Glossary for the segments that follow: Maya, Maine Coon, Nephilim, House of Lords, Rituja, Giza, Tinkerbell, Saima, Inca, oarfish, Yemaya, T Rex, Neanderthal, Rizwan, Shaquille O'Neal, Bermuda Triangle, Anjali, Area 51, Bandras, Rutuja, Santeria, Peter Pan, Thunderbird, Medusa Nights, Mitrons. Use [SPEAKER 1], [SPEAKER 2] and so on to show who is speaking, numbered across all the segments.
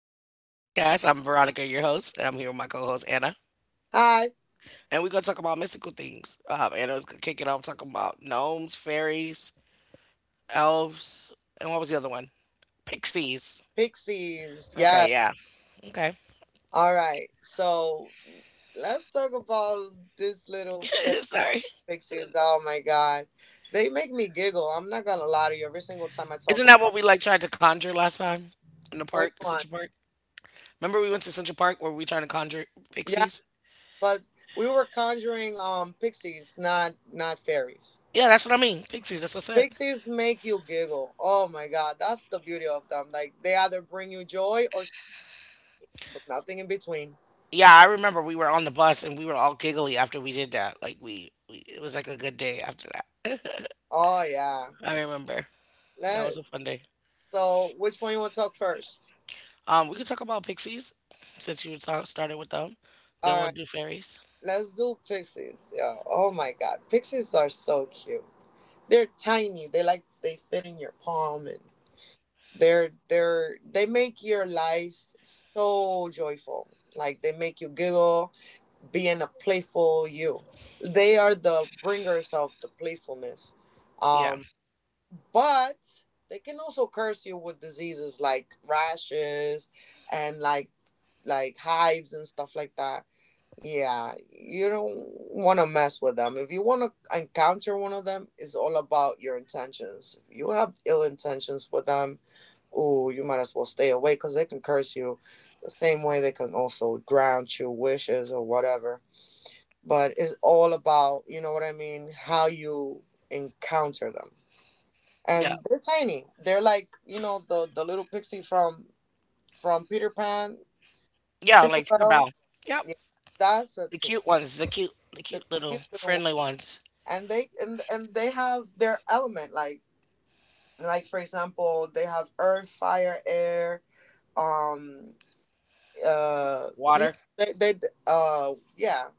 [SPEAKER 1] Welcome to my podcast. I'm Veronica, your host, and I'm here with my co host, Anna.
[SPEAKER 2] Hi,
[SPEAKER 1] And we're going to talk about mystical things. Anna's going to kick it off talking about gnomes, fairies, elves, and what was the other one? Pixies.
[SPEAKER 2] Pixies. Yeah.
[SPEAKER 1] Okay, yeah. Okay.
[SPEAKER 2] All right. So let's talk about
[SPEAKER 1] Sorry.
[SPEAKER 2] Pixies. Oh my God, they make me giggle. I'm not gonna lie to you. Every single time I talk
[SPEAKER 1] Isn't that what
[SPEAKER 2] about.
[SPEAKER 1] we like tried to conjure last time in the park,
[SPEAKER 2] Which one?
[SPEAKER 1] Central Park? Remember we went to Central Park where we tried to conjure
[SPEAKER 2] Yeah,
[SPEAKER 1] pixies?
[SPEAKER 2] but we were conjuring Pixies, not fairies.
[SPEAKER 1] Yeah, that's what I mean. Pixies. That's what I said.
[SPEAKER 2] Pixies make you giggle. Oh my God, that's the beauty of them. Like they either bring you joy or but nothing in between.
[SPEAKER 1] Yeah, I remember we were on the bus and we were all giggly after we did that. Like we it was like a good day after that.
[SPEAKER 2] Oh yeah.
[SPEAKER 1] I remember. That
[SPEAKER 2] Let
[SPEAKER 1] was a fun day.
[SPEAKER 2] So which one you want to talk first?
[SPEAKER 1] We could talk about pixies since you started with them. Then
[SPEAKER 2] All
[SPEAKER 1] we'll
[SPEAKER 2] right,
[SPEAKER 1] do fairies.
[SPEAKER 2] let's do pixies. Yeah. Oh my God, pixies are so cute. They're tiny. They fit in your palm, and they make your life so joyful. Like they make you giggle, being a playful you. They are the bringers of the playfulness.
[SPEAKER 1] Yeah,
[SPEAKER 2] Um, but they can also curse you with diseases like rashes and like hives and stuff like that. Yeah, you don't want to mess with them. If you want to encounter one of them, it's all about your intentions. If you have ill intentions with them, ooh, you might as well stay away because they can curse you the same way they can also grant you wishes or whatever. But it's all about, you know what I mean, how you encounter them.
[SPEAKER 1] yeah,
[SPEAKER 2] And they're tiny. They're like, you know, the little pixie from Peter Pan,
[SPEAKER 1] yeah. Like think
[SPEAKER 2] Tinkerbell.
[SPEAKER 1] about Yep,
[SPEAKER 2] Yeah, that's a
[SPEAKER 1] the cute
[SPEAKER 2] pixie.
[SPEAKER 1] ones, the
[SPEAKER 2] The
[SPEAKER 1] cute little
[SPEAKER 2] cute little.
[SPEAKER 1] friendly ones.
[SPEAKER 2] And they and they have their element, like for example, they have earth, fire, air, um you
[SPEAKER 1] Water.
[SPEAKER 2] know, they yeah,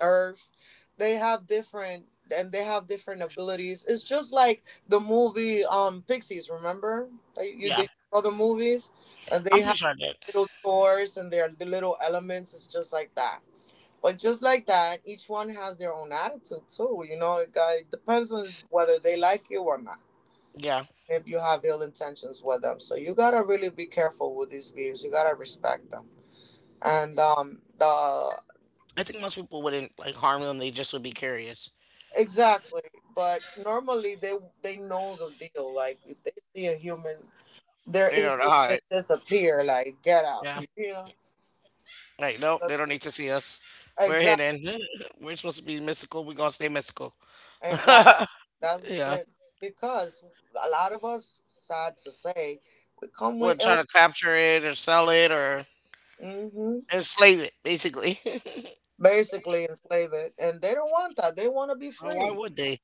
[SPEAKER 2] earth. They have different and they have different abilities. It's just like the movie, Pixies, remember that you
[SPEAKER 1] Yeah,
[SPEAKER 2] did all the movies? And
[SPEAKER 1] I'm
[SPEAKER 2] they
[SPEAKER 1] pretty
[SPEAKER 2] have
[SPEAKER 1] sure I did.
[SPEAKER 2] little chores and their little elements. It's just like that, but just like that, each one has their own attitude too. You know, it depends on whether they like you or not.
[SPEAKER 1] Yeah,
[SPEAKER 2] If you have ill intentions with them, so you gotta really be careful with these beings. You gotta respect them. And the
[SPEAKER 1] I think most people wouldn't like harm them. They just would be curious.
[SPEAKER 2] Exactly. But normally they know the deal. Like if they see a human, their
[SPEAKER 1] You know, to
[SPEAKER 2] instinct
[SPEAKER 1] hide.
[SPEAKER 2] is disappear. Like get out.
[SPEAKER 1] Yeah.
[SPEAKER 2] You know.
[SPEAKER 1] Like, nope, they don't need to see us. We're
[SPEAKER 2] Exactly.
[SPEAKER 1] hidden. We're supposed to be mystical. We're gonna stay mystical.
[SPEAKER 2] Exactly. That's the
[SPEAKER 1] yeah.
[SPEAKER 2] Because a lot of us, sad to say, we come with
[SPEAKER 1] What,
[SPEAKER 2] ill.
[SPEAKER 1] trying to capture it or sell it or
[SPEAKER 2] Hmm.
[SPEAKER 1] enslave it, basically.
[SPEAKER 2] Basically, enslave it, and they don't want that. They want to be
[SPEAKER 1] Oh, why
[SPEAKER 2] free.
[SPEAKER 1] would they?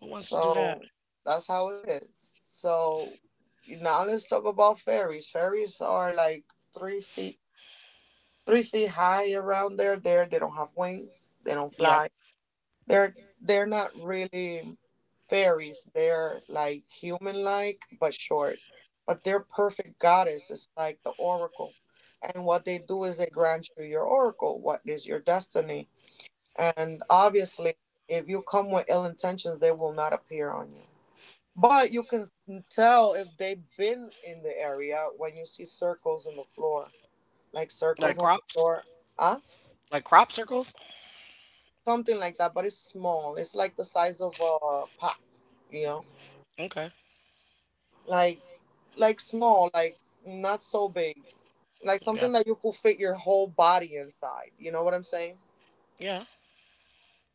[SPEAKER 1] Who wants to do that?
[SPEAKER 2] So that's how it is. So now let's talk about fairies. Fairies are like 3 feet, 3 feet high around there. There, they don't have wings. They don't
[SPEAKER 1] Yeah.
[SPEAKER 2] fly. They're they're not really fairies. They're like human like, but short. But they're perfect goddess. It's like the oracle. And what they do is they grant you your oracle. What is your destiny? And obviously, if you come with ill intentions, they will not appear on you. But you can tell if they've been in the area when you see circles on the floor, like
[SPEAKER 1] Like
[SPEAKER 2] circles on the
[SPEAKER 1] crops?
[SPEAKER 2] floor, huh?
[SPEAKER 1] Like crop circles?
[SPEAKER 2] Something like that, but it's small. It's like the size of a pot, you know,
[SPEAKER 1] Okay.
[SPEAKER 2] like small, like not so big, like
[SPEAKER 1] Yeah.
[SPEAKER 2] something that you could fit your whole body inside. You know what I'm saying?
[SPEAKER 1] Yeah.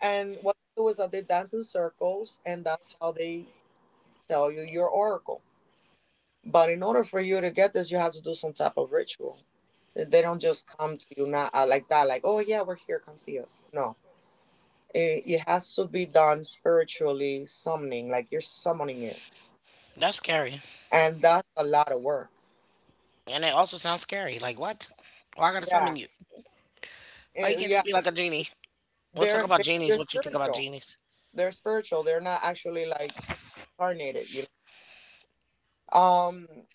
[SPEAKER 2] And what they do is that they dance in circles, and that's how they tell you your oracle. But in order for you to get this, you have to do some type of ritual. They don't just come to you, not like that, like, oh, yeah, we're here, come see us. No, it has to be done spiritually, summoning, like you're summoning it.
[SPEAKER 1] That's scary.
[SPEAKER 2] And that's a lot of work.
[SPEAKER 1] And it also sounds scary. Like what? Why I gotta summon
[SPEAKER 2] Yeah.
[SPEAKER 1] you? Why you
[SPEAKER 2] Yeah.
[SPEAKER 1] can't just be like a genie? We'll talk about
[SPEAKER 2] They're
[SPEAKER 1] genies. What you think about
[SPEAKER 2] spiritual.
[SPEAKER 1] genies?
[SPEAKER 2] They're spiritual. They're not actually like incarnated, you know?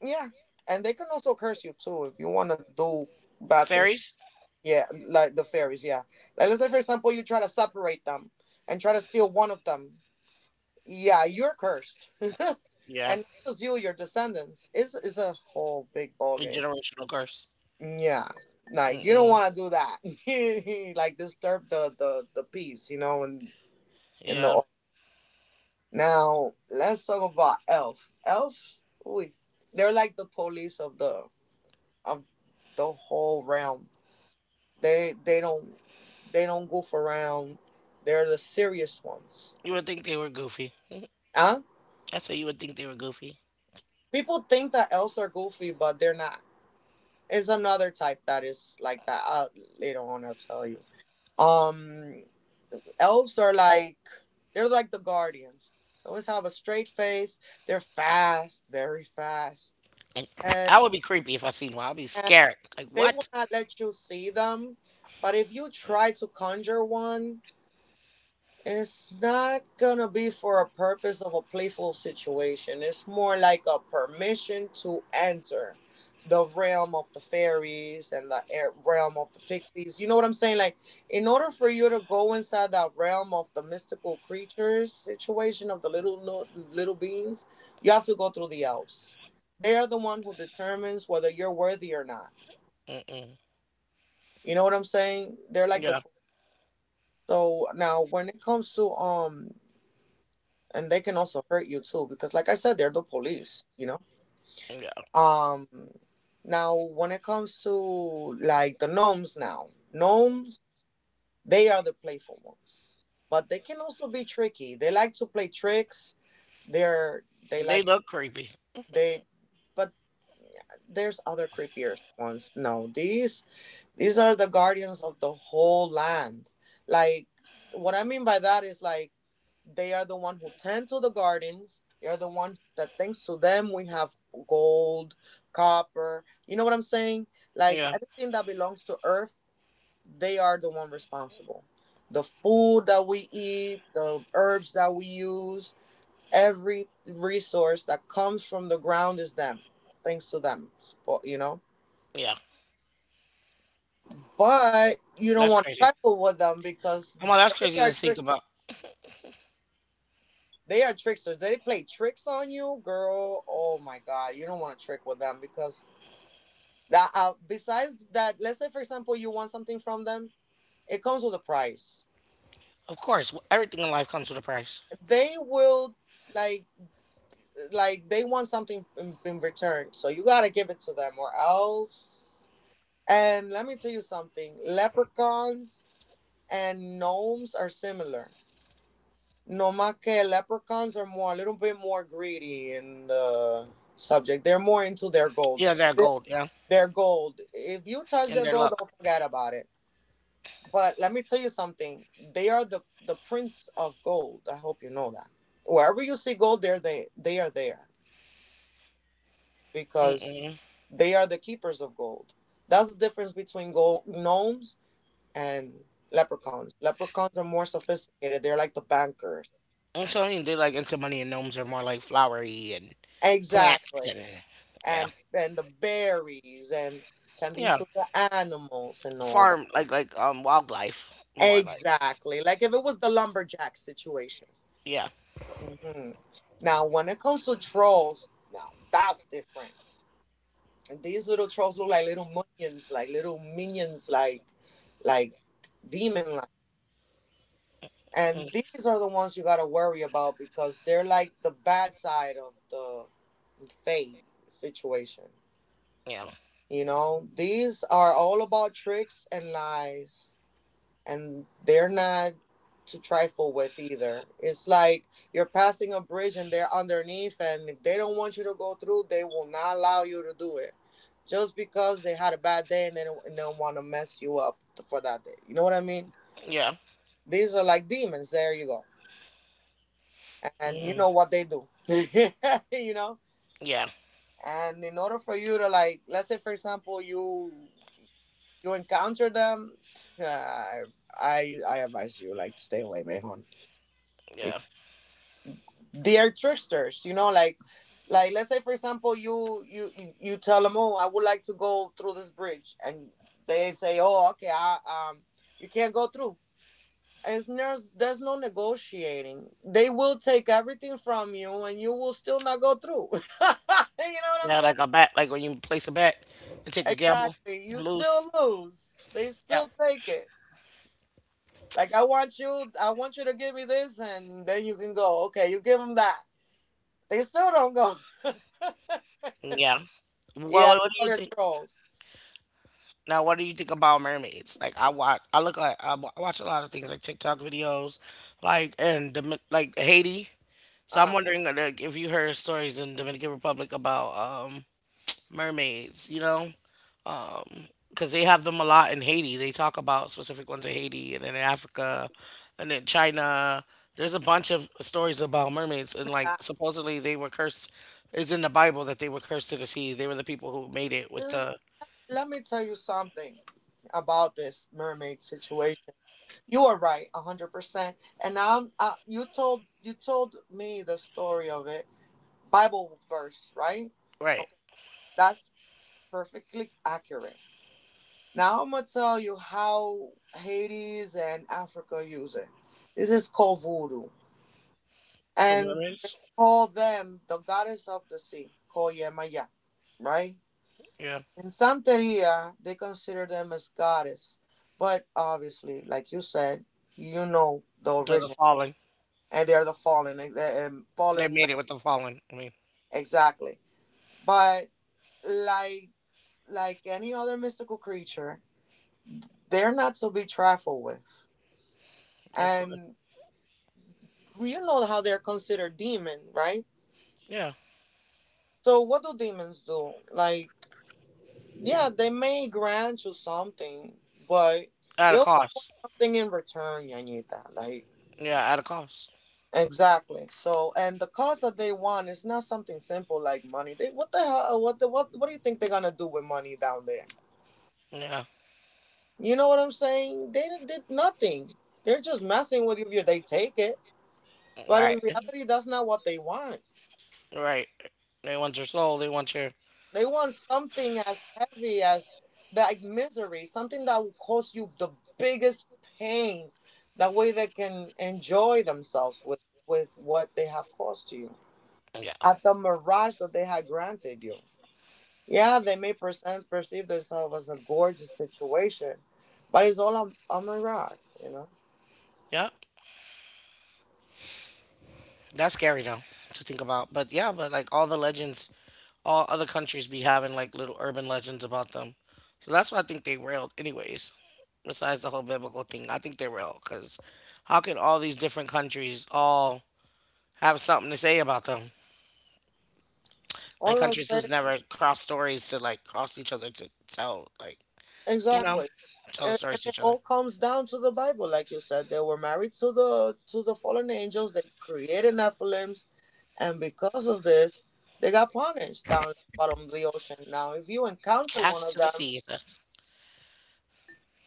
[SPEAKER 2] Yeah. And they can also curse you too if you want to do bad things.
[SPEAKER 1] Fairies?
[SPEAKER 2] Yeah, like the fairies, yeah. Like let's say for example you try to separate them and try to steal one of them. Yeah, you're cursed. And
[SPEAKER 1] Yeah.
[SPEAKER 2] not just you, your descendants. It's a whole big ball
[SPEAKER 1] A
[SPEAKER 2] game.
[SPEAKER 1] generational curse.
[SPEAKER 2] Yeah. Like you don't
[SPEAKER 1] Mm-mm.
[SPEAKER 2] wanna do that. Like disturb the peace, you know, and in in the
[SPEAKER 1] Yeah.
[SPEAKER 2] or- now let's talk about elf. Elf, ooh, they're like the police of of the whole realm. They they don't they don't goof around. They're the serious ones.
[SPEAKER 1] You would think they were goofy.
[SPEAKER 2] Huh?
[SPEAKER 1] I say you would think they were goofy.
[SPEAKER 2] People think that elves are goofy, but they're not. It's another type that is like that. Later on, I'll tell you. Um, Elves are like the guardians. They always have a straight face. They're fast, very fast,
[SPEAKER 1] And
[SPEAKER 2] and,
[SPEAKER 1] I would be creepy if I seen one. I'd be
[SPEAKER 2] and
[SPEAKER 1] scared. Like
[SPEAKER 2] they will
[SPEAKER 1] what?
[SPEAKER 2] not let you see them. But if you try to conjure one, it's not gonna be for a purpose of a playful situation. It's more like a permission to enter the realm of the fairies and the air realm of the pixies. You know what I'm saying? Like, in order for you to go inside that realm of the mystical creatures situation of the little no- little beings, you have to go through the elves. They are the one who determines whether you're worthy or not.
[SPEAKER 1] Mm-mm.
[SPEAKER 2] You know what I'm saying? They're like the
[SPEAKER 1] Yeah,
[SPEAKER 2] So now when it comes to, and they can also hurt you too because, like I said, they're the police, you know.
[SPEAKER 1] yeah.
[SPEAKER 2] um Now when it comes to, like, the gnomes. Now gnomes, they are the playful ones, but they can also be tricky. They like to play tricks. They're they
[SPEAKER 1] They
[SPEAKER 2] like
[SPEAKER 1] look creepy.
[SPEAKER 2] they But there's other creepier ones. No, these are the guardians of the whole land. Like, what I mean by that is, like, they are the one who tend to the gardens. They are the one that, thanks to them, we have gold, copper. You know what I'm saying? Like
[SPEAKER 1] Yeah,
[SPEAKER 2] everything that belongs to earth, they are the one responsible. The food that we eat, the herbs that we use, every resource that comes from the ground is them. Thanks to them, you know.
[SPEAKER 1] yeah.
[SPEAKER 2] But you don't
[SPEAKER 1] That's
[SPEAKER 2] want to
[SPEAKER 1] crazy.
[SPEAKER 2] trifle with them because
[SPEAKER 1] Oh my, that's
[SPEAKER 2] they
[SPEAKER 1] crazy to
[SPEAKER 2] are
[SPEAKER 1] think
[SPEAKER 2] tricks.
[SPEAKER 1] about.
[SPEAKER 2] They are tricksters. They play tricks on you, girl. Oh my god, you don't want to trick with them because that. Besides that, let's say for example you want something from them, it comes with a price.
[SPEAKER 1] Of course, everything in life comes with a price.
[SPEAKER 2] They will, like like they want something in return, so you gotta give it to them or else. And let me tell you something: leprechauns and gnomes are similar. No más que leprechauns are more a little bit more greedy in the subject. They're more into their gold.
[SPEAKER 1] Yeah, they're
[SPEAKER 2] Their
[SPEAKER 1] gold. Yeah,
[SPEAKER 2] their gold. If you touch
[SPEAKER 1] and
[SPEAKER 2] their
[SPEAKER 1] their
[SPEAKER 2] gold,
[SPEAKER 1] luck.
[SPEAKER 2] don't forget about it. But let me tell you something. They are the prince of gold. I hope you know that. Wherever you see gold, there they are there because
[SPEAKER 1] Mm-mm.
[SPEAKER 2] they are the keepers of gold. That's the difference between gold gnomes and leprechauns. Leprechauns are more sophisticated. They're like the bankers.
[SPEAKER 1] And so I mean, they're like into money, and gnomes are more like flowery and plants and
[SPEAKER 2] Exactly.
[SPEAKER 1] yeah,
[SPEAKER 2] And the berries and tending
[SPEAKER 1] yeah.
[SPEAKER 2] to the animals and all that.
[SPEAKER 1] Farm like wildlife more like
[SPEAKER 2] Exactly. Like if it was the lumberjack situation.
[SPEAKER 1] yeah,
[SPEAKER 2] Hmm. Now, when it comes to trolls, now that's different. And these little trolls look like little minions, like little minions, like like demon like. And these are the ones you gotta worry about because they're like the bad side of the fate situation.
[SPEAKER 1] yeah,
[SPEAKER 2] You know, these are all about tricks and lies, and they're not to trifle with either. It's like you're passing a bridge and they're underneath, and if they don't want you to go through, they will not allow you to do it. Just because they had a bad day and they don't want to mess you up for that day. You know what I mean?
[SPEAKER 1] yeah.
[SPEAKER 2] These are like demons. There you go. And you
[SPEAKER 1] Mm-mm.
[SPEAKER 2] know what they do. You know?
[SPEAKER 1] Yeah,
[SPEAKER 2] And in order for you to, like, let's say for example, you encounter them, I I advise you, like, stay away, Mejon.
[SPEAKER 1] yeah.
[SPEAKER 2] They are tricksters, you know, like let's say for example you tell them, oh, I would like to go through this bridge, and they say, oh, okay, I um you can't go through. It's there's no negotiating. They will take everything from you, and you will still not go through. You know what I'm
[SPEAKER 1] Yeah,
[SPEAKER 2] saying?
[SPEAKER 1] like a bet, like when you place a bet and take a gamble,
[SPEAKER 2] Exactly. You
[SPEAKER 1] and lose.
[SPEAKER 2] still lose. They
[SPEAKER 1] Yeah,
[SPEAKER 2] still take it. Like, I want you to give me this, and then you can go. Okay, you give them that, they still don't go.
[SPEAKER 1] yeah. Well,
[SPEAKER 2] Yeah,
[SPEAKER 1] what do you
[SPEAKER 2] other
[SPEAKER 1] think
[SPEAKER 2] trolls.
[SPEAKER 1] now? What do you think about mermaids? Like I watch, I look at, I watch a lot of things like TikTok videos, like and like Haiti. So
[SPEAKER 2] Uh,
[SPEAKER 1] I'm wondering like, if you heard stories in Dominican Republic about um mermaids. You know? Because they have them a lot in Haiti. They talk about specific ones in Haiti and in Africa and in China. There's a bunch of stories about mermaids and
[SPEAKER 2] I-
[SPEAKER 1] like supposedly they were cursed. It's in the Bible that they were cursed to the sea. They were the people who made it with
[SPEAKER 2] l-
[SPEAKER 1] the
[SPEAKER 2] Let me tell you something about this mermaid situation. You are right, 100%. And I'm, you told me the story of it, Bible verse, right?
[SPEAKER 1] right
[SPEAKER 2] Okay, that's perfectly accurate. Now I'm gonna tell you how Hades and Africa use it. This is called voodoo,
[SPEAKER 1] for
[SPEAKER 2] and they
[SPEAKER 1] mermaids.
[SPEAKER 2] call them the goddess of the sea, called Yemaya, right?
[SPEAKER 1] Yeah,
[SPEAKER 2] In Santeria, they consider them as goddess, but obviously, like you said, you know the
[SPEAKER 1] the
[SPEAKER 2] origin,
[SPEAKER 1] fallen.
[SPEAKER 2] and they are the fallen,
[SPEAKER 1] They made it with the fallen. I mean,
[SPEAKER 2] exactly. But like like any other mystical creature, they're not to be trifled with,
[SPEAKER 1] of course.
[SPEAKER 2] and you know how they're considered demon, right?
[SPEAKER 1] Yeah,
[SPEAKER 2] So what do demons do? Like, yeah, they may grant you something, but
[SPEAKER 1] at
[SPEAKER 2] they
[SPEAKER 1] a
[SPEAKER 2] want
[SPEAKER 1] cost.
[SPEAKER 2] something in return, Yanita. Like.
[SPEAKER 1] Yeah, at a cost.
[SPEAKER 2] Exactly. So, and the cause that they want is not something simple like money. They what the hell? What the what? What do you think they're gonna do with money down there?
[SPEAKER 1] Yeah,
[SPEAKER 2] You know what I'm saying? They did nothing. They're just messing with you. If they take it, but
[SPEAKER 1] right,
[SPEAKER 2] in reality, that's not what they want.
[SPEAKER 1] right. They want your soul. They want your
[SPEAKER 2] They want something as heavy as like misery, something that will cause you the biggest pain. That way, they can enjoy themselves with what they have caused to you
[SPEAKER 1] yeah,
[SPEAKER 2] at the mirage that they had granted you. Yeah, they may percent perceive themselves as a gorgeous situation, but it's all a mirage.
[SPEAKER 1] yeah. That's scary though to think about. But yeah, but like all the legends, all other countries be having like little urban legends about them. So that's why I think they real, anyways. Besides the whole biblical thing, I think they're real because how can all these different countries all have something to say about them? Like
[SPEAKER 2] All I'm
[SPEAKER 1] countries
[SPEAKER 2] saying,
[SPEAKER 1] who's never crossed stories to like cross each other to tell like you know
[SPEAKER 2] exactly,
[SPEAKER 1] tell the
[SPEAKER 2] and
[SPEAKER 1] stories to
[SPEAKER 2] it
[SPEAKER 1] each other.
[SPEAKER 2] all comes down to the Bible, like you said. They were married to the fallen angels. They created Nephilims, and because of this, they got punished down at the bottom of the ocean. Now, if you encounter one
[SPEAKER 1] Cast
[SPEAKER 2] of
[SPEAKER 1] to the
[SPEAKER 2] them,
[SPEAKER 1] sea, it says.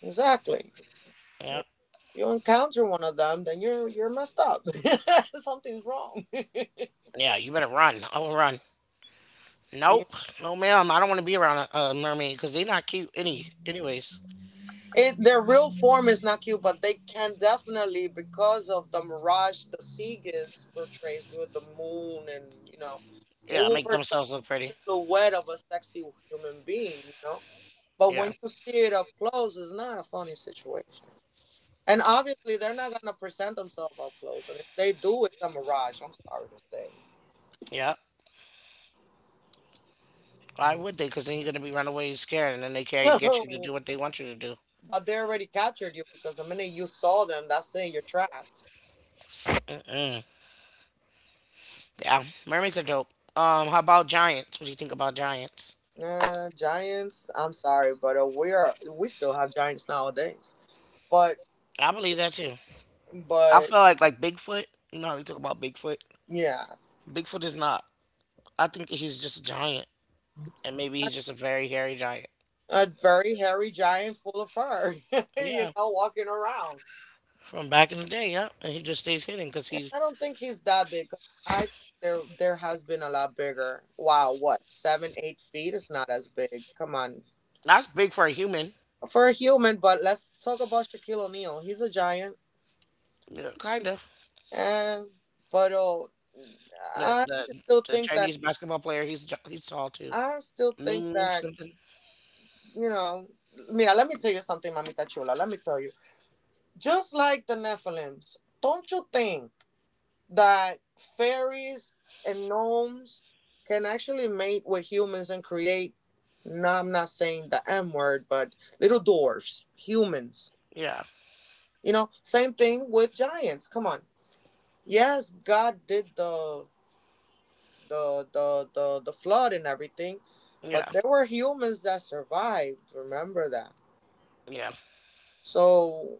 [SPEAKER 2] exactly,
[SPEAKER 1] Yeah,
[SPEAKER 2] if you encounter one of them, then you're messed up. Something's wrong.
[SPEAKER 1] yeah. You better run. I will run. Nope. No, ma'am. I don't want to be around a mermaid because they're not cute. Anyways.
[SPEAKER 2] It their real form is not cute, but they can definitely because of the mirage the sea gives portrays with the moon and you know, it
[SPEAKER 1] Yeah,
[SPEAKER 2] will
[SPEAKER 1] make
[SPEAKER 2] portray
[SPEAKER 1] themselves look pretty.
[SPEAKER 2] the silhouette of a sexy human being, you know. But
[SPEAKER 1] Yeah.
[SPEAKER 2] when you see it up close, it's not a funny situation. And obviously, they're not gonna present themselves up close, and if they do, it's a mirage. I'm sorry to say,
[SPEAKER 1] Yeah. Why would they? Because then you're gonna be run away scared, and then they can't get you to do what they want you to do.
[SPEAKER 2] but they already captured you because the minute you saw them, that's it. You're trapped.
[SPEAKER 1] Mm-mm. Yeah. Mermaids are dope. How about giants? What do you think about giants?
[SPEAKER 2] Giants. I'm sorry, but we still have Giants nowadays. But
[SPEAKER 1] I believe that too. I
[SPEAKER 2] but
[SPEAKER 1] feel like Bigfoot. You know how they talk about Bigfoot.
[SPEAKER 2] yeah,
[SPEAKER 1] Bigfoot is not. I think that he's just a giant, and maybe he's just a very hairy giant.
[SPEAKER 2] a very hairy giant full of fur, you
[SPEAKER 1] Yeah,
[SPEAKER 2] know, walking around.
[SPEAKER 1] from back in the day. Yeah, and he just stays hidden because
[SPEAKER 2] And
[SPEAKER 1] he.
[SPEAKER 2] I don't think he's that big. I there there has been a lot bigger. Wow, what 7-8 feet is not as big. Come on,
[SPEAKER 1] That's big for a human.
[SPEAKER 2] for a human. But let's talk about Shaquille O'Neal. He's a giant.
[SPEAKER 1] Yeah, kind of.
[SPEAKER 2] And but oh,
[SPEAKER 1] The,
[SPEAKER 2] I
[SPEAKER 1] the
[SPEAKER 2] still
[SPEAKER 1] the
[SPEAKER 2] think that
[SPEAKER 1] Chinese basketball player, he's tall too.
[SPEAKER 2] I still think
[SPEAKER 1] Ming
[SPEAKER 2] that
[SPEAKER 1] something.
[SPEAKER 2] you know, mira, let me tell you something, mamita chula. Let me tell you. Just like the Nephilims, don't you think that fairies and gnomes can actually mate with humans and create? No, I'm not saying the M word, but little dwarfs, humans.
[SPEAKER 1] Yeah,
[SPEAKER 2] You know, same thing with giants. Come on. Yes, God did the flood and everything,
[SPEAKER 1] yeah,
[SPEAKER 2] but there were humans that survived. Remember that.
[SPEAKER 1] yeah,
[SPEAKER 2] So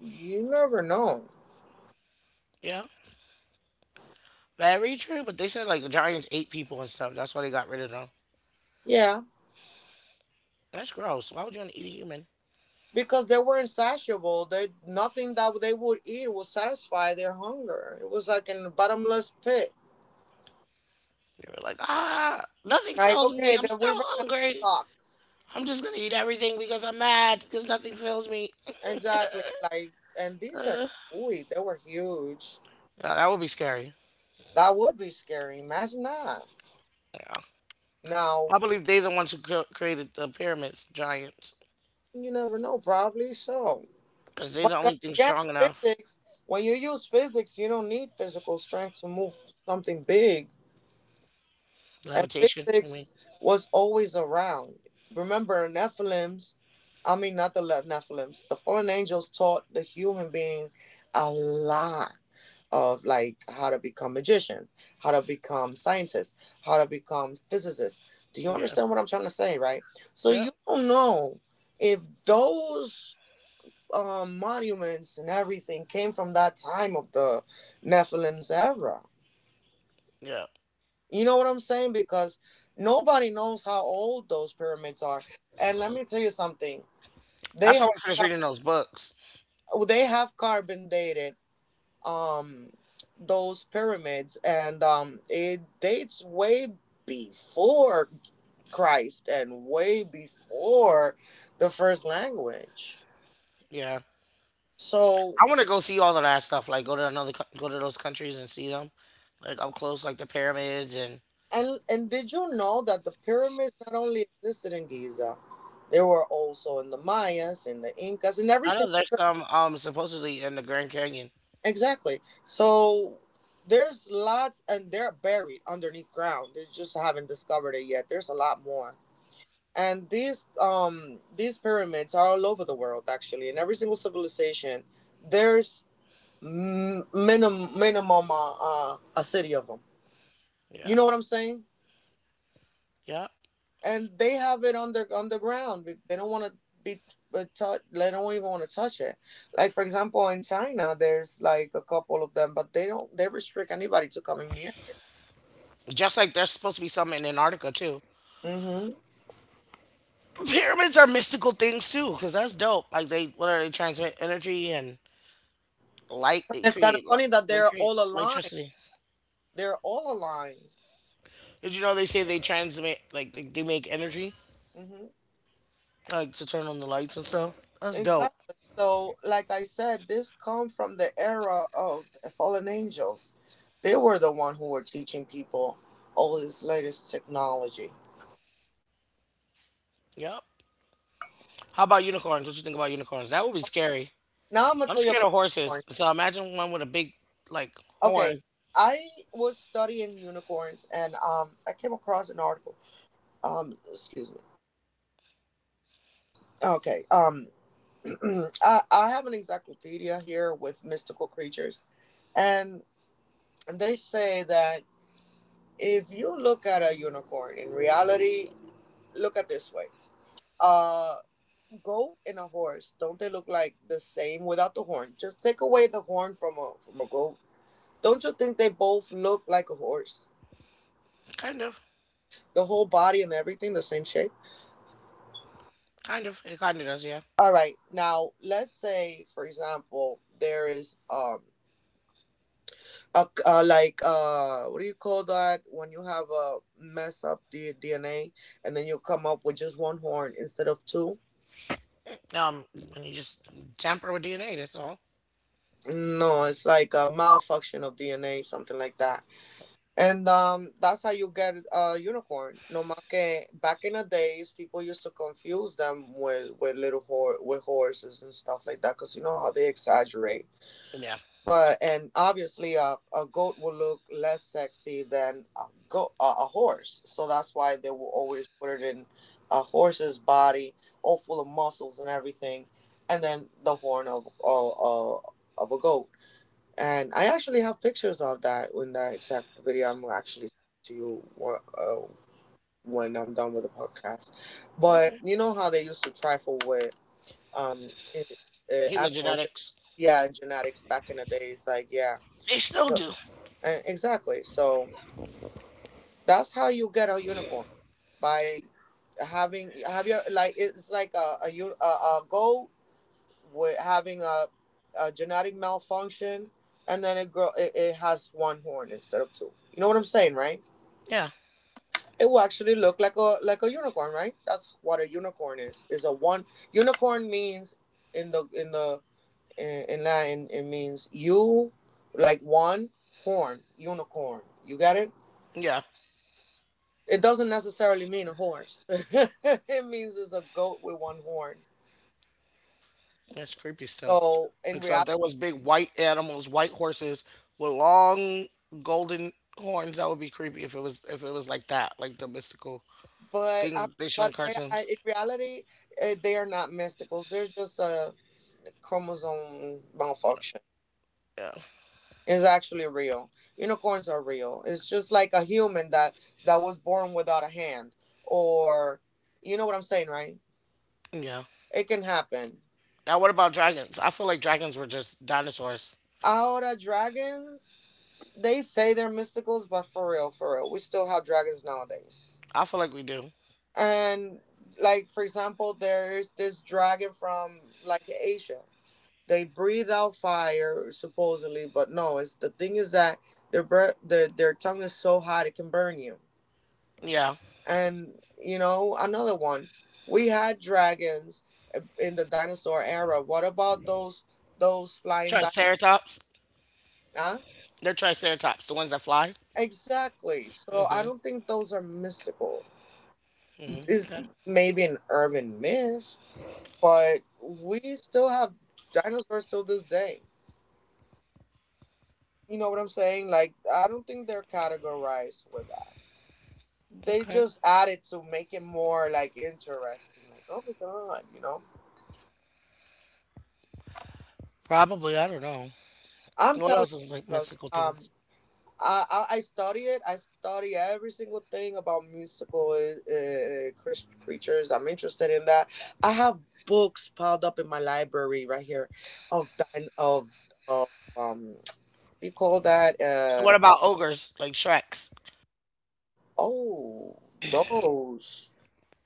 [SPEAKER 2] you never know.
[SPEAKER 1] yeah. Very true. But they said like the Giants ate people and stuff. That's why they got rid of them.
[SPEAKER 2] Yeah,
[SPEAKER 1] That's gross. Why would you want to eat a human?
[SPEAKER 2] because they were not insatiable. They nothing that they would eat would satisfy their hunger. It was like in a bottomless pit.
[SPEAKER 1] They were like, ah, nothing
[SPEAKER 2] Like
[SPEAKER 1] fills me.
[SPEAKER 2] okay,
[SPEAKER 1] I'm
[SPEAKER 2] then
[SPEAKER 1] still
[SPEAKER 2] we ran out of
[SPEAKER 1] hungry.
[SPEAKER 2] stock.
[SPEAKER 1] I'm just gonna eat everything because I'm mad because nothing fills me.
[SPEAKER 2] Exactly. Like and these are
[SPEAKER 1] Uh,
[SPEAKER 2] ooey, they were huge.
[SPEAKER 1] yeah, that would be scary.
[SPEAKER 2] That would be scary. Imagine that.
[SPEAKER 1] Yeah,
[SPEAKER 2] Now
[SPEAKER 1] I believe they're the ones who created the pyramids, giants,
[SPEAKER 2] you never know. Probably so.
[SPEAKER 1] because they're
[SPEAKER 2] But
[SPEAKER 1] the
[SPEAKER 2] then
[SPEAKER 1] only thing
[SPEAKER 2] again,
[SPEAKER 1] strong enough.
[SPEAKER 2] physics. When you use physics, you don't need physical strength to move something big, and
[SPEAKER 1] Levitation. I mean,
[SPEAKER 2] physics was always around. Remember, Nephilims, I mean, not the Nephilims, the fallen angels taught the human being a lot of like how to become magicians, how to become scientists, how to become physicists. Do you
[SPEAKER 1] yeah.
[SPEAKER 2] understand what I'm trying to say, right? So
[SPEAKER 1] Yep.
[SPEAKER 2] you don't know if those monuments and everything came from that time of the Nephilims era.
[SPEAKER 1] Yep.
[SPEAKER 2] You know what I'm saying? Because nobody knows how old those pyramids are. And let me tell you something.
[SPEAKER 1] That's
[SPEAKER 2] They
[SPEAKER 1] why I want to finish reading those books.
[SPEAKER 2] they have carbon dated um those pyramids, and it dates way before Christ and way before the first language.
[SPEAKER 1] Yeah.
[SPEAKER 2] So
[SPEAKER 1] I want to go see all of that stuff. Like go to another, go to those countries and see them, like up close, like the pyramids and
[SPEAKER 2] and did you know that the pyramids not only existed in Giza, they were also in the Mayas, in the Incas, in every
[SPEAKER 1] I know
[SPEAKER 2] single...
[SPEAKER 1] there's some supposedly in the Grand Canyon.
[SPEAKER 2] Exactly. So there's lots, and they're buried underneath ground. They just haven't discovered it yet. There's a lot more, and these pyramids are all over the world actually. In every single civilization, there's minimum a city of them. You
[SPEAKER 1] Yeah.
[SPEAKER 2] know what I'm saying?
[SPEAKER 1] Yeah.
[SPEAKER 2] And they have it under underground. They don't want to be, but they don't even want to touch it. Like for example, in China, there's like a couple of them, but they don't. They restrict anybody to coming near.
[SPEAKER 1] Just like there's supposed to be some in Antarctica too.
[SPEAKER 2] Mm-hmm.
[SPEAKER 1] Pyramids are mystical things too, because that's dope. Like they, what are they transmit energy and light?
[SPEAKER 2] And it's kind of funny that
[SPEAKER 1] They
[SPEAKER 2] they're
[SPEAKER 1] create
[SPEAKER 2] all aligned.
[SPEAKER 1] electricity.
[SPEAKER 2] They're all aligned.
[SPEAKER 1] Did you know they say they transmit like they make energy,
[SPEAKER 2] Mm-hmm.
[SPEAKER 1] like to turn on the lights and stuff? That's dope.
[SPEAKER 2] Exactly. So, like I said, this come from the era of the fallen angels. They were the one who were teaching people all this latest technology.
[SPEAKER 1] Yep. How about unicorns? What you think about unicorns? That would be scary.
[SPEAKER 2] Now I'm gonna
[SPEAKER 1] I'm
[SPEAKER 2] tell you
[SPEAKER 1] scared
[SPEAKER 2] about
[SPEAKER 1] of
[SPEAKER 2] unicorn.
[SPEAKER 1] horses, so imagine one with a big like
[SPEAKER 2] Okay,
[SPEAKER 1] horn.
[SPEAKER 2] I was studying unicorns, and I came across an article. Excuse me. Okay. I have an encyclopedia here with mystical creatures, and and they say that if you look at a unicorn in reality, look at this way. A goat and a horse, don't they look like the same without the horn? Just take away the horn from a goat. Don't you think they both look like a horse?
[SPEAKER 1] Kind of,
[SPEAKER 2] The whole body and everything the same shape?
[SPEAKER 1] kind of, it kind of does, yeah.
[SPEAKER 2] All right. Now, let's say for example, there is a, like what do you call that when you have a mess up the DNA and then you come up with just one horn instead of two?
[SPEAKER 1] Um, and you just tamper with DNA. That's all.
[SPEAKER 2] No, it's like a malfunction of DNA, something like that. And that's how you get a unicorn. No más que back in the days, people used to confuse them with horses and stuff like that, because you know how they exaggerate.
[SPEAKER 1] Yeah.
[SPEAKER 2] But and obviously, a goat will look less sexy than a horse. So that's why they will always put it in a horse's body, all full of muscles and everything, and then the horn of a goat, and I actually have pictures of that in that exact video. I'm gonna actually send it to you when I'm done with the podcast. But
[SPEAKER 1] Okay.
[SPEAKER 2] you know how they used to trifle with um i-
[SPEAKER 1] Human
[SPEAKER 2] animal, and gen-
[SPEAKER 1] genetics.
[SPEAKER 2] yeah, and genetics back in the days. Like yeah,
[SPEAKER 1] They still
[SPEAKER 2] so-
[SPEAKER 1] do.
[SPEAKER 2] exactly. So that's how you get a unicorn by having have you like it's like a goal with having a genetic malfunction, and then it it has one horn instead of two. You know what I'm saying, right?
[SPEAKER 1] Yeah.
[SPEAKER 2] It will actually look like a unicorn, right? That's what a unicorn is. Is a one unicorn means in the in the in Latin it means you like one horn unicorn. You got it?
[SPEAKER 1] Yeah.
[SPEAKER 2] It doesn't necessarily mean a horse. It means it's a goat with one horn.
[SPEAKER 1] That's creepy still.
[SPEAKER 2] So in
[SPEAKER 1] Like so, if
[SPEAKER 2] reality.
[SPEAKER 1] there was big white animals, white horses with long golden horns, that would be creepy. If it was like that, like the mystical
[SPEAKER 2] But
[SPEAKER 1] things
[SPEAKER 2] I,
[SPEAKER 1] that they show in
[SPEAKER 2] but they,
[SPEAKER 1] cartoons.
[SPEAKER 2] I, In reality, they are not mysticals. They're just a chromosome malfunction.
[SPEAKER 1] Yeah.
[SPEAKER 2] It's actually real. Unicorns are real. It's just like a human that was born without a hand, or you know what I'm saying, right?
[SPEAKER 1] Yeah.
[SPEAKER 2] It can happen.
[SPEAKER 1] Now, what about dragons? I feel like dragons were just dinosaurs.
[SPEAKER 2] Ahora dragons, they say they're mysticals, but for real, we still have dragons nowadays.
[SPEAKER 1] I feel like we do.
[SPEAKER 2] And like for example, there's this dragon from like Asia. They breathe out fire supposedly, but no, it's the thing is that their breath, their tongue is so hot it can burn you,
[SPEAKER 1] Yeah.
[SPEAKER 2] and you know another one, we had dragons in the dinosaur era. What about those flying di-
[SPEAKER 1] Triceratops.
[SPEAKER 2] huh?
[SPEAKER 1] They're triceratops, the ones that fly.
[SPEAKER 2] Exactly, so I don't think those are mystical.
[SPEAKER 1] Mm,
[SPEAKER 2] Is
[SPEAKER 1] okay.
[SPEAKER 2] maybe an urban myth, but we still have dinosaurs till this day. You know what I'm saying? Like, I don't think they're categorized with that. They
[SPEAKER 1] Okay.
[SPEAKER 2] just add it to make it more like interesting. Like, oh my god, you know.
[SPEAKER 1] Probably. I don't know.
[SPEAKER 2] I'm
[SPEAKER 1] What
[SPEAKER 2] telling you,
[SPEAKER 1] else is like
[SPEAKER 2] because
[SPEAKER 1] mystical things?
[SPEAKER 2] I study it. I study every single thing about musical creatures. I'm interested in that. I have books piled up in my library right here of of um what do you call that
[SPEAKER 1] So what about ogres, like Shreks?
[SPEAKER 2] oh, those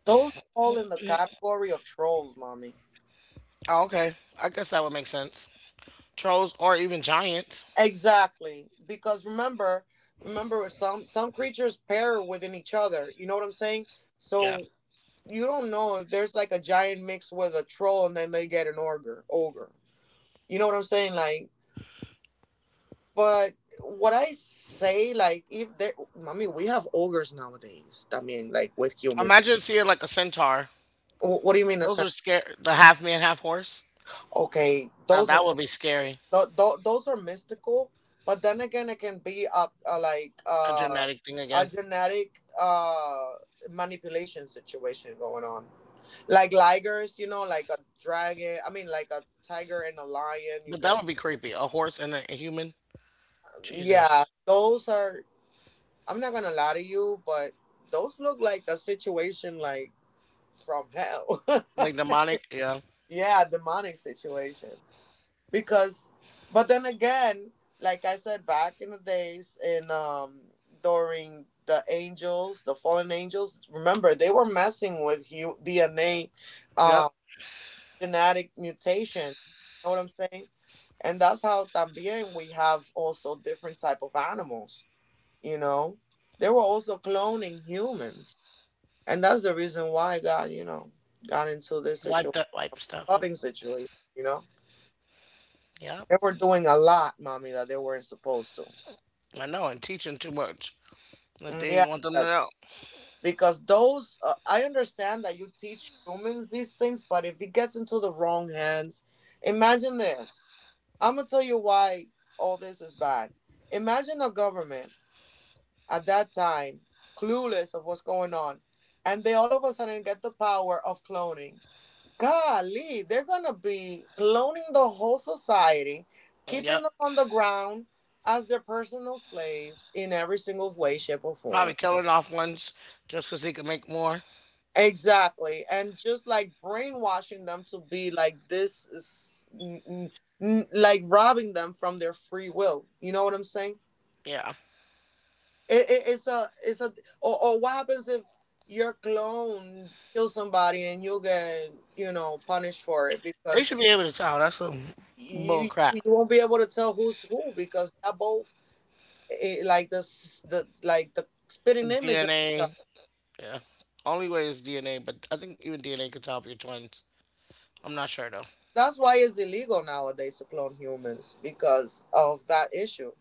[SPEAKER 2] those fall in the category of trolls, mommy.
[SPEAKER 1] Oh, okay. I guess that would make sense. Trolls or even giants.
[SPEAKER 2] Exactly, because remember, some creatures pair within each other. You know what I'm saying?
[SPEAKER 1] Yeah.
[SPEAKER 2] So you don't know if there's like a giant mixed with a troll, and then they get an ogre. Ogre. You know what I'm saying? Like, but what I say, like, if they, I mean, we have ogres nowadays. I mean, like with humans.
[SPEAKER 1] Imagine seeing like a centaur.
[SPEAKER 2] What do you mean? A
[SPEAKER 1] Those
[SPEAKER 2] sense?
[SPEAKER 1] were scary. The half man, half horse.
[SPEAKER 2] Okay,
[SPEAKER 1] Now
[SPEAKER 2] those. Are.
[SPEAKER 1] that would be scary.
[SPEAKER 2] Those are mystical, but then again it can be a, a like
[SPEAKER 1] A
[SPEAKER 2] uh,
[SPEAKER 1] genetic thing
[SPEAKER 2] a
[SPEAKER 1] again.
[SPEAKER 2] genetic manipulation situation going on, like ligers. You know, like a dragon, I mean like a tiger and a lion, you
[SPEAKER 1] But that
[SPEAKER 2] get.
[SPEAKER 1] would be creepy. A horse and a human.
[SPEAKER 2] Yeah,
[SPEAKER 1] Jesus.
[SPEAKER 2] those are, I'm not gonna lie to you, but those look like a situation like from hell.
[SPEAKER 1] Like demonic, yeah.
[SPEAKER 2] Yeah, demonic situation. Because, but then again, like I said, back in the days in during the angels, the fallen angels, remember they were messing with DNA. um
[SPEAKER 1] Yep.
[SPEAKER 2] Genetic mutation, you know what I'm saying? And that's how también we have also different type of animals, you know. They were also cloning humans, and that's the reason why God, you know, got into this
[SPEAKER 1] Wipe
[SPEAKER 2] situation,
[SPEAKER 1] that wipe stuff up.
[SPEAKER 2] flooding situation, you know.
[SPEAKER 1] Yep.
[SPEAKER 2] They were doing a lot, mommy, that they weren't supposed to.
[SPEAKER 1] I know, and teaching too much. That
[SPEAKER 2] Mm, yeah,
[SPEAKER 1] they want them to
[SPEAKER 2] that-
[SPEAKER 1] know.
[SPEAKER 2] because those, I understand that you teach humans these things, but if it gets into the wrong hands, imagine this. I'm going to tell you why all this is bad. Imagine a government at that time, clueless of what's going on, and they all of a sudden get the power of cloning. Golly, they're gonna be cloning the whole society, keeping
[SPEAKER 1] Yep.
[SPEAKER 2] them on the ground as their personal slaves in every single way, shape, or
[SPEAKER 1] Probably
[SPEAKER 2] form.
[SPEAKER 1] killing off ones just because they can make more.
[SPEAKER 2] Exactly, and just like brainwashing them to be like this, is, n- n- n- like robbing them from their free will. You know what I'm saying?
[SPEAKER 1] Yeah.
[SPEAKER 2] It's a, or what happens if your clone kills somebody and you get, you know, punished for it
[SPEAKER 1] They
[SPEAKER 2] because
[SPEAKER 1] should be able to tell. That's some bull
[SPEAKER 2] you
[SPEAKER 1] crap.
[SPEAKER 2] you won't be able to tell who's who because they're both, eh, eh, like the like the spitting image of each other.
[SPEAKER 1] DNA, yeah. Only way is DNA, but I think even DNA could tell if you're twins. I'm not sure though.
[SPEAKER 2] That's why it's illegal nowadays to clone humans because of that issue.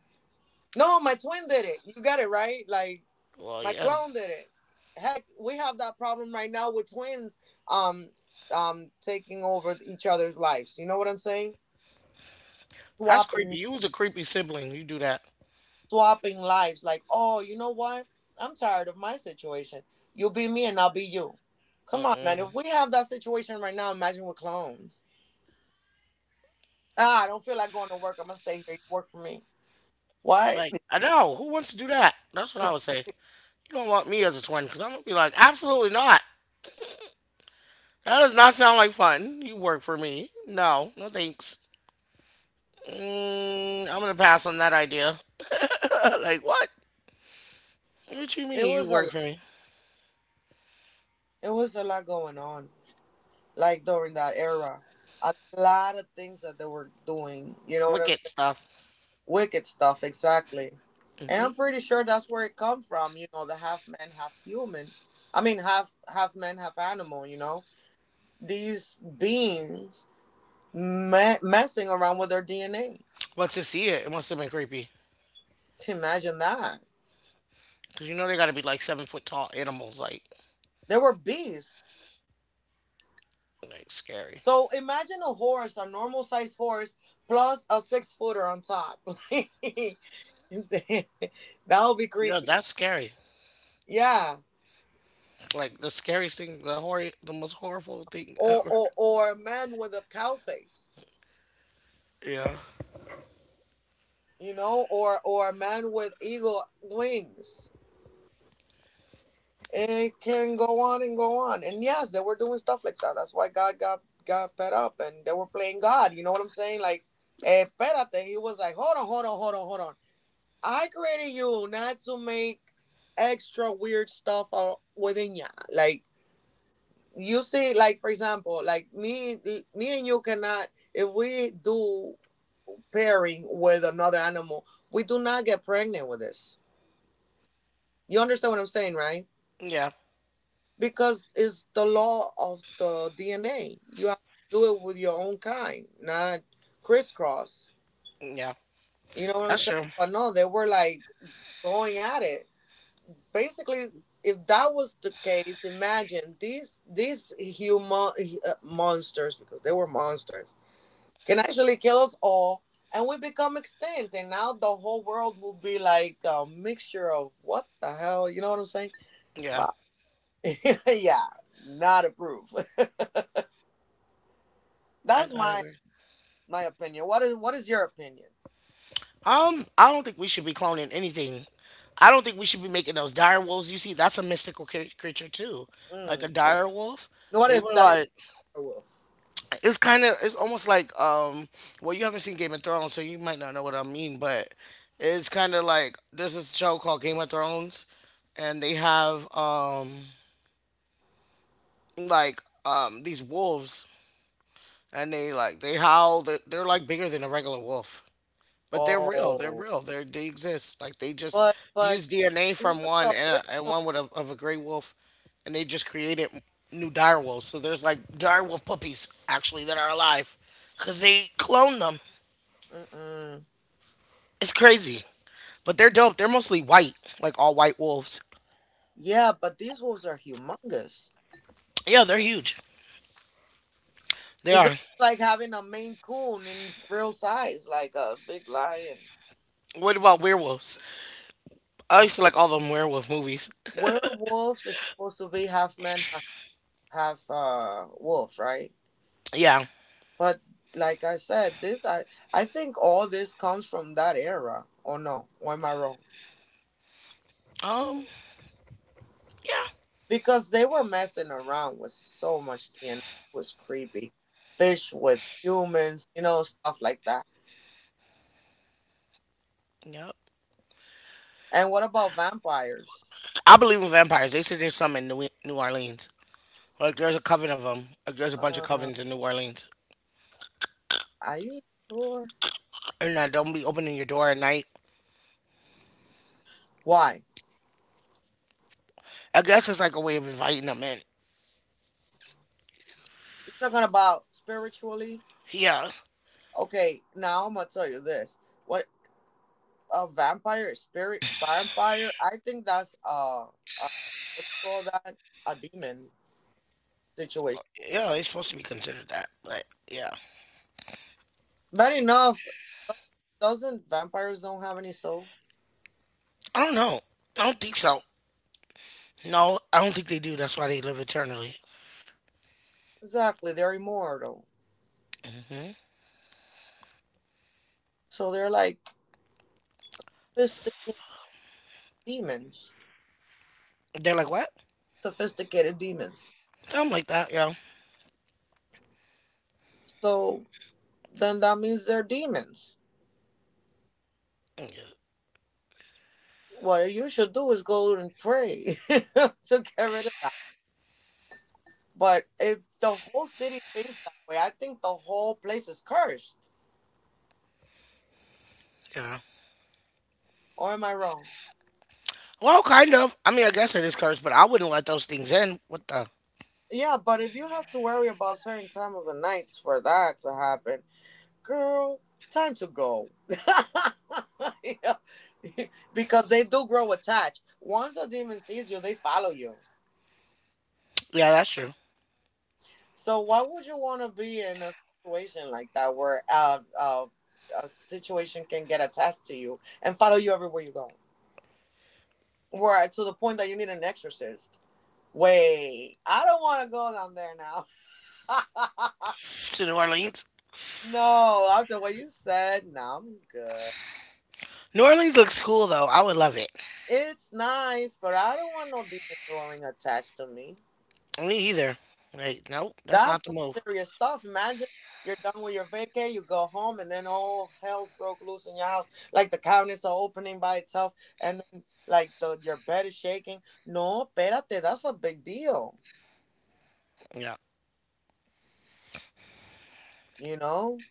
[SPEAKER 2] No, my twin did it. You got it right. Like
[SPEAKER 1] Well,
[SPEAKER 2] my
[SPEAKER 1] yeah.
[SPEAKER 2] clone did it. Heck, we have that problem right now with twins, um taking over each other's lives. You know what I'm saying?
[SPEAKER 1] That's creepy.
[SPEAKER 2] Swapping,
[SPEAKER 1] You was a creepy sibling. You do that.
[SPEAKER 2] swapping lives like, oh, you know what, I'm tired of my situation, you'll be me and I'll be you. Come on, man.
[SPEAKER 1] Mm-mm.
[SPEAKER 2] If we have that situation right now, imagine with clones. Ah, I don't feel like going to work, I'm gonna stay here, you work for me. What?
[SPEAKER 1] Like, I know. Who wants to do that? That's what I would say. You don't want me as a twin because I'm going to be like, absolutely not. That does not sound like fun. You work for me. No, no thanks. Mm, I'm gonna pass on that idea. like what? What you
[SPEAKER 2] it
[SPEAKER 1] mean you
[SPEAKER 2] was a
[SPEAKER 1] work
[SPEAKER 2] lot
[SPEAKER 1] for me?
[SPEAKER 2] it was a lot going on like during that era, a lot of things that they were doing, you know what I'm
[SPEAKER 1] Wicked stuff.
[SPEAKER 2] saying? Wicked stuff, exactly. And
[SPEAKER 1] Hmm
[SPEAKER 2] I'm pretty sure that's where it come from, you know, the half man, half human, I mean half man, half animal, you know, these beings messing around with their DNA.
[SPEAKER 1] But to see it, it must have been creepy.
[SPEAKER 2] Imagine that.
[SPEAKER 1] Cause you know they gotta be like 7 foot tall animals, like
[SPEAKER 2] They were beasts.
[SPEAKER 1] like scary.
[SPEAKER 2] So imagine a horse, a normal sized horse, plus a six footer on top. That would be
[SPEAKER 1] Yeah,
[SPEAKER 2] creepy.
[SPEAKER 1] that's scary.
[SPEAKER 2] Yeah.
[SPEAKER 1] Like the scariest thing, the horror, the most horrible thing
[SPEAKER 2] Or,
[SPEAKER 1] ever.
[SPEAKER 2] or a man with a cow face,
[SPEAKER 1] Yeah.
[SPEAKER 2] you know, or a man with eagle wings. It can go on. And yes, they were doing stuff like that. That's why God got fed up and they were playing God. You know what I'm saying? Like, eh, espérate. He was like, hold on, hold on, hold on, hold on. I created you not to make extra weird stuff out within ya. Like, you see, like, for example, like me, me and you cannot, if we do pairing with another animal, we do not get pregnant with this. You understand what I'm saying, right?
[SPEAKER 1] Yeah.
[SPEAKER 2] Because it's the law of the DNA. You have to do it with your own kind, not crisscross.
[SPEAKER 1] Yeah.
[SPEAKER 2] You know what I'm
[SPEAKER 1] That's
[SPEAKER 2] saying?
[SPEAKER 1] true.
[SPEAKER 2] But no, they were like going at it. Basically, if that was the case, imagine these human, monsters, because they were monsters, can actually kill us all. And we become extinct, and now the whole world will be like a mixture of what the hell, you know what I'm saying?
[SPEAKER 1] Yeah.
[SPEAKER 2] Wow. Yeah, not approved.
[SPEAKER 1] I
[SPEAKER 2] That's
[SPEAKER 1] gotta
[SPEAKER 2] my,
[SPEAKER 1] agree.
[SPEAKER 2] my opinion. What is your opinion?
[SPEAKER 1] I don't think we should be cloning anything. I don't think we should be making those dire wolves. You see, that's a mystical creature too, like a
[SPEAKER 2] Mm.
[SPEAKER 1] dire wolf.
[SPEAKER 2] What
[SPEAKER 1] They were
[SPEAKER 2] if that
[SPEAKER 1] like,
[SPEAKER 2] werewolf?
[SPEAKER 1] it's kind of, it's almost like, well, you haven't seen Game of Thrones, so you might not know what I mean, but it's kind of like there's this show called Game of Thrones, and they have like these wolves, and they howl. They're like bigger than a regular wolf. But they're real. They're
[SPEAKER 2] Oh,
[SPEAKER 1] real. they exist. Like they just
[SPEAKER 2] but
[SPEAKER 1] use DNA
[SPEAKER 2] these
[SPEAKER 1] from
[SPEAKER 2] are
[SPEAKER 1] one
[SPEAKER 2] the
[SPEAKER 1] and
[SPEAKER 2] original.
[SPEAKER 1] one with of a gray wolf, and they just created new dire wolves. So there's like dire wolf puppies actually that are alive, cause they clone them.
[SPEAKER 2] Mm-mm.
[SPEAKER 1] It's crazy. But they're dope. They're mostly white, like all white wolves.
[SPEAKER 2] Yeah, but these wolves are humongous.
[SPEAKER 1] Yeah, they're huge. They
[SPEAKER 2] It's
[SPEAKER 1] are.
[SPEAKER 2] almost like having a Maine Coon in real size, like a big lion.
[SPEAKER 1] What about werewolves? I used to
[SPEAKER 2] Okay,
[SPEAKER 1] like all them werewolf movies.
[SPEAKER 2] werewolves is supposed to be half man, half wolf, right?
[SPEAKER 1] Yeah.
[SPEAKER 2] But like I said, this I think all this comes from that era. Or no? Or am I wrong?
[SPEAKER 1] Um. Yeah.
[SPEAKER 2] Because they were messing around with so much DNA. It was creepy. Fish with humans, you know, stuff like that.
[SPEAKER 1] Yep.
[SPEAKER 2] And what about vampires?
[SPEAKER 1] I believe in vampires. They said there's some in New Orleans. Like there's a coven of them. Like there's a bunch of
[SPEAKER 2] Uh,
[SPEAKER 1] covens in New Orleans,
[SPEAKER 2] are you sure?
[SPEAKER 1] and don't be opening your door at night.
[SPEAKER 2] Why?
[SPEAKER 1] I guess it's like a way of inviting them in.
[SPEAKER 2] You're talking about spiritually?
[SPEAKER 1] Yeah,
[SPEAKER 2] Okay, now I'm gonna tell you this. What, a vampire, spirit vampire? I think that's uh what do you call that? A demon situation.
[SPEAKER 1] yeah, it's supposed to be considered that, but yeah,
[SPEAKER 2] Bad enough. Doesn't vampires don't have any soul?
[SPEAKER 1] I don't know. I don't think so. No, I don't think they do. That's why they live eternally.
[SPEAKER 2] Exactly, they're immortal.
[SPEAKER 1] Hmm.
[SPEAKER 2] So they're like sophisticated demons.
[SPEAKER 1] They're like what?
[SPEAKER 2] Sophisticated demons.
[SPEAKER 1] Something like that. Yeah.
[SPEAKER 2] So then that means they're demons. What you should do is go and pray to get rid of that. But if the whole city thinks that way, I think the whole place is cursed.
[SPEAKER 1] Yeah.
[SPEAKER 2] Or am I wrong?
[SPEAKER 1] Well, kind of. I mean, I guess it is cursed, but I wouldn't let those things in. What the?
[SPEAKER 2] Yeah, but if you have to worry about certain time of the nights for that to happen, girl, time to go. Yeah. Because they do grow attached. Once a demon sees you, they follow you.
[SPEAKER 1] Yeah, that's true.
[SPEAKER 2] So why would you want to be in a situation like that where a situation can get attached to you and follow you everywhere you go? Where to the point that you need an exorcist. Wait, I don't want to go down there now.
[SPEAKER 1] To New Orleans.
[SPEAKER 2] No, after what you said, now I'm good.
[SPEAKER 1] New Orleans looks cool though. I would love it.
[SPEAKER 2] It's nice, but I don't want no demon going attached to me.
[SPEAKER 1] Me either. Like, nope, that's
[SPEAKER 2] That's
[SPEAKER 1] not the
[SPEAKER 2] some
[SPEAKER 1] move.
[SPEAKER 2] serious stuff. Imagine you're done with your vacay, you go home, and then all hell's broke loose in your house. Like the cabinets are opening by itself, and then like the your bed is shaking. No, espérate, that's a big deal.
[SPEAKER 1] Yeah.
[SPEAKER 2] You know,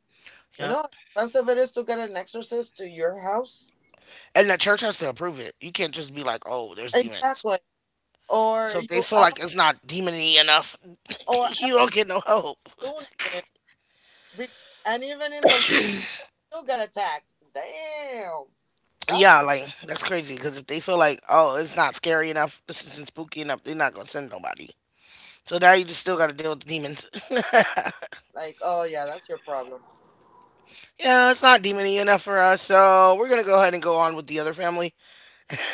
[SPEAKER 2] you
[SPEAKER 1] Yep.
[SPEAKER 2] know how expensive it is to get an exorcist to your house.
[SPEAKER 1] And the church has to approve it. You can't just be like, oh, there's demons.
[SPEAKER 2] Exactly. Or
[SPEAKER 1] So if they
[SPEAKER 2] you
[SPEAKER 1] feel
[SPEAKER 2] out,
[SPEAKER 1] like it's not demony enough,
[SPEAKER 2] or
[SPEAKER 1] you
[SPEAKER 2] out
[SPEAKER 1] don't get no help.
[SPEAKER 2] loony bin, be- and even in the loony, you get attacked. Damn, that's
[SPEAKER 1] Yeah, like that's crazy. Because if they feel like, oh, it's not scary enough, this isn't spooky enough, they're not gonna send nobody. So now you just still got to deal with the demons.
[SPEAKER 2] like, oh yeah, that's your problem.
[SPEAKER 1] Yeah, it's not demony enough for us. So we're gonna go ahead and go on with the other family,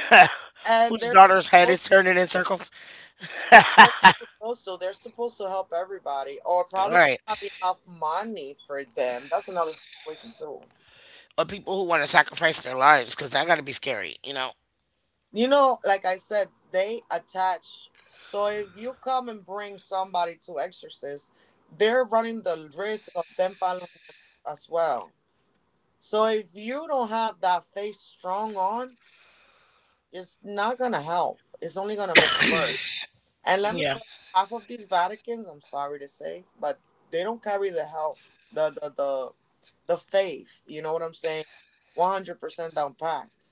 [SPEAKER 2] And
[SPEAKER 1] whose
[SPEAKER 2] they're not,
[SPEAKER 1] daughter's head is turning in circles.
[SPEAKER 2] they're not supposed to. They're supposed to help everybody, or
[SPEAKER 1] All
[SPEAKER 2] probably
[SPEAKER 1] right,
[SPEAKER 2] have enough money for them. That's another situation too.
[SPEAKER 1] or people who want to sacrifice their lives, because that got to be scary.
[SPEAKER 2] You know, like I said, they attach. So if you come and bring somebody to exorcist, they're running the risk of them following as well. So if you don't have that faith strong on, it's not gonna help. It's only gonna make it worse. And let me
[SPEAKER 1] Yeah,
[SPEAKER 2] tell you, half of these Vaticans, I'm sorry to say, but they don't carry the health, the faith. You know what I'm saying? 100% down packed.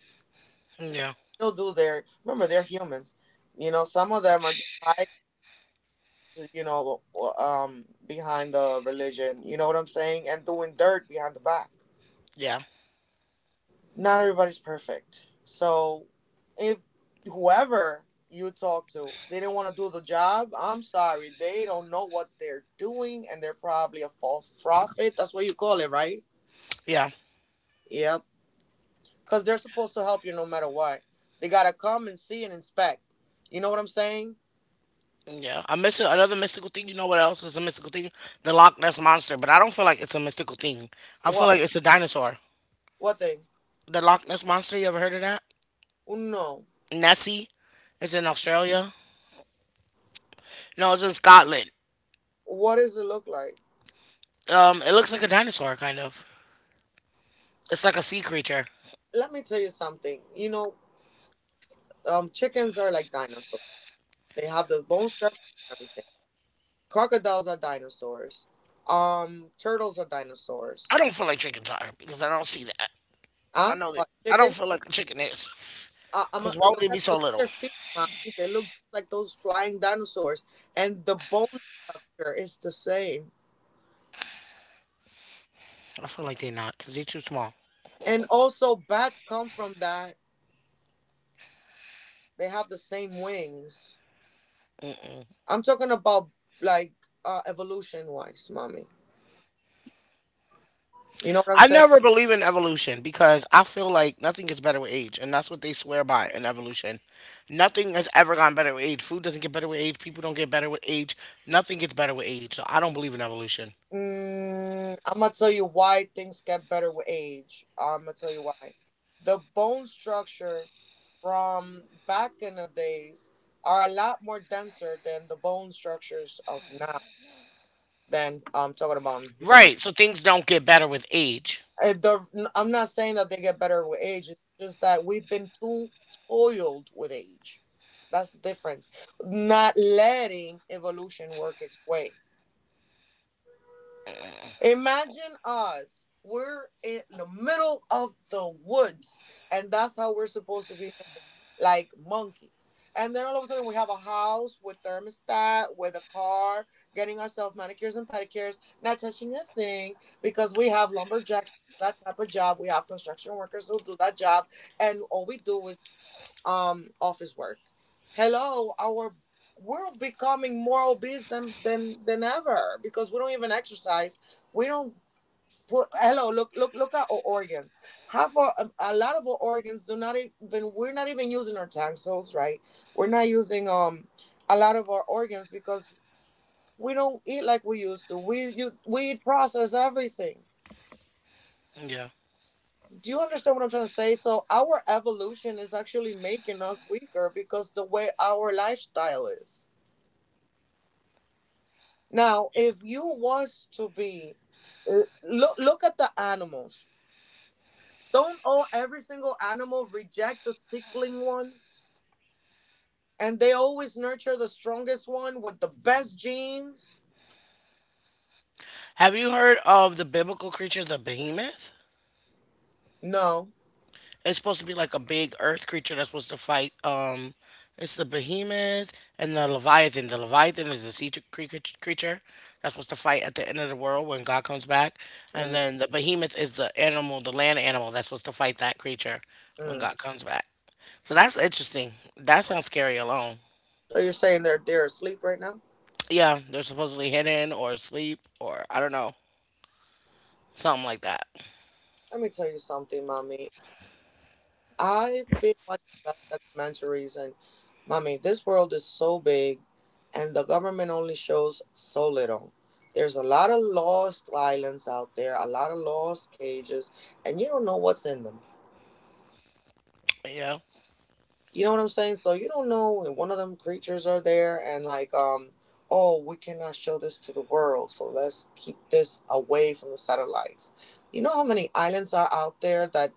[SPEAKER 1] yeah,
[SPEAKER 2] They'll do their. Remember, they're humans. You know, some of them are just hiding, you know, behind the religion. You know what I'm saying? And doing dirt behind the back.
[SPEAKER 1] yeah,
[SPEAKER 2] Not everybody's perfect. So if whoever you talk to, they didn't want to do the job, I'm sorry. They don't know what they're doing and they're probably a false prophet. That's what you call it, right?
[SPEAKER 1] yeah.
[SPEAKER 2] Yep. Because they're supposed to help you no matter what. They got to come and see and inspect. You know what I'm saying?
[SPEAKER 1] Yeah, a miss another mystical thing. You know what else is a mystical thing? The Loch Ness monster, but I don't feel like it's a mystical thing. I feel
[SPEAKER 2] What?
[SPEAKER 1] like it's a dinosaur.
[SPEAKER 2] What thing?
[SPEAKER 1] The Loch Ness monster. You ever heard of that?
[SPEAKER 2] No.
[SPEAKER 1] Nessie. It's in Australia. No, it's in Scotland.
[SPEAKER 2] What does it look like?
[SPEAKER 1] It looks like a dinosaur, kind of. It's like a sea creature.
[SPEAKER 2] Let me tell you something. You know, chickens are like dinosaurs. They have the bone structure and everything. Crocodiles are dinosaurs. Turtles are dinosaurs.
[SPEAKER 1] I don't feel like chickens are because I don't see that. I
[SPEAKER 2] Huh?
[SPEAKER 1] know that.
[SPEAKER 2] What?
[SPEAKER 1] I don't
[SPEAKER 2] Chicken?
[SPEAKER 1] feel like a chicken is
[SPEAKER 2] I'm
[SPEAKER 1] because
[SPEAKER 2] a,
[SPEAKER 1] why would they be so
[SPEAKER 2] look at
[SPEAKER 1] little?
[SPEAKER 2] their feet, mommy. They look just like those flying dinosaurs, and the bone structure is the same.
[SPEAKER 1] I feel like they're not because they're too small.
[SPEAKER 2] And also, bats come from that. They have the same wings. I'm talking about like evolution wise, mommy. You know what I'm
[SPEAKER 1] I
[SPEAKER 2] saying?
[SPEAKER 1] never believe in evolution because I feel like nothing gets better with age, and that's what they swear by in evolution. Nothing has ever gotten better with age. Food doesn't get better with age. People don't get better with age. Nothing gets better with age. So I don't believe in evolution.
[SPEAKER 2] Mm, I'm gonna tell you why things get better with age. I'm gonna tell you why. The bone structure from back in the days are a lot more denser than the bone structures of now. Than I'm talking about in humans.
[SPEAKER 1] Right. So things don't get better with age.
[SPEAKER 2] I'm not saying that they get better with age. It's just that we've been too spoiled with age. That's the difference. Not letting evolution work its way. Imagine us. We're in the middle of the woods, and that's how we're supposed to be like monkeys. And then all of a sudden, we have a house with thermostat, with a car, getting ourselves manicures and pedicures, not touching a thing because we have lumberjacks who do that type of job. We have construction workers who do that job, and all we do is office work. Hello, our world becoming more obese than ever because we don't even exercise, we don't, well, hello, look at our organs. Half our a lot of our organs do not even, we're not even using our taxols, right? We're not using a lot of our organs because we don't eat like we used to. We eat process everything.
[SPEAKER 1] Yeah.
[SPEAKER 2] Do you understand what I'm trying to say? So our evolution is actually making us weaker because the way our lifestyle is now. If you was to be, look at the animals. Don't all every single animal reject the sickling ones? And they always nurture the strongest one with the best genes?
[SPEAKER 1] Have you heard of the biblical creature, the behemoth?
[SPEAKER 2] No.
[SPEAKER 1] It's supposed to be like a big earth creature that's supposed to fight. It's the behemoth and the leviathan. The leviathan is the sea creature that's supposed to fight at the end of the world when God comes back, and
[SPEAKER 2] Mm-mm.
[SPEAKER 1] then the behemoth is the animal, the land animal that's supposed to fight that creature when
[SPEAKER 2] So
[SPEAKER 1] God comes back. So that's interesting. That sounds scary alone.
[SPEAKER 2] you're saying they're asleep right now?
[SPEAKER 1] Yeah, they're supposedly hidden or asleep or I don't know, something like that.
[SPEAKER 2] Let me tell you something, mommy. I've been watching a lot of documentaries, and mommy, this world is so big, and the government only shows so little. There's a lot of lost islands out there, a lot of lost cages, and you don't know what's in them.
[SPEAKER 1] Yeah,
[SPEAKER 2] You know what I'm saying? So you don't know when one of them creatures are there. And like oh, we cannot show this to the world, so let's keep this away from the satellites. You know how many islands are out there that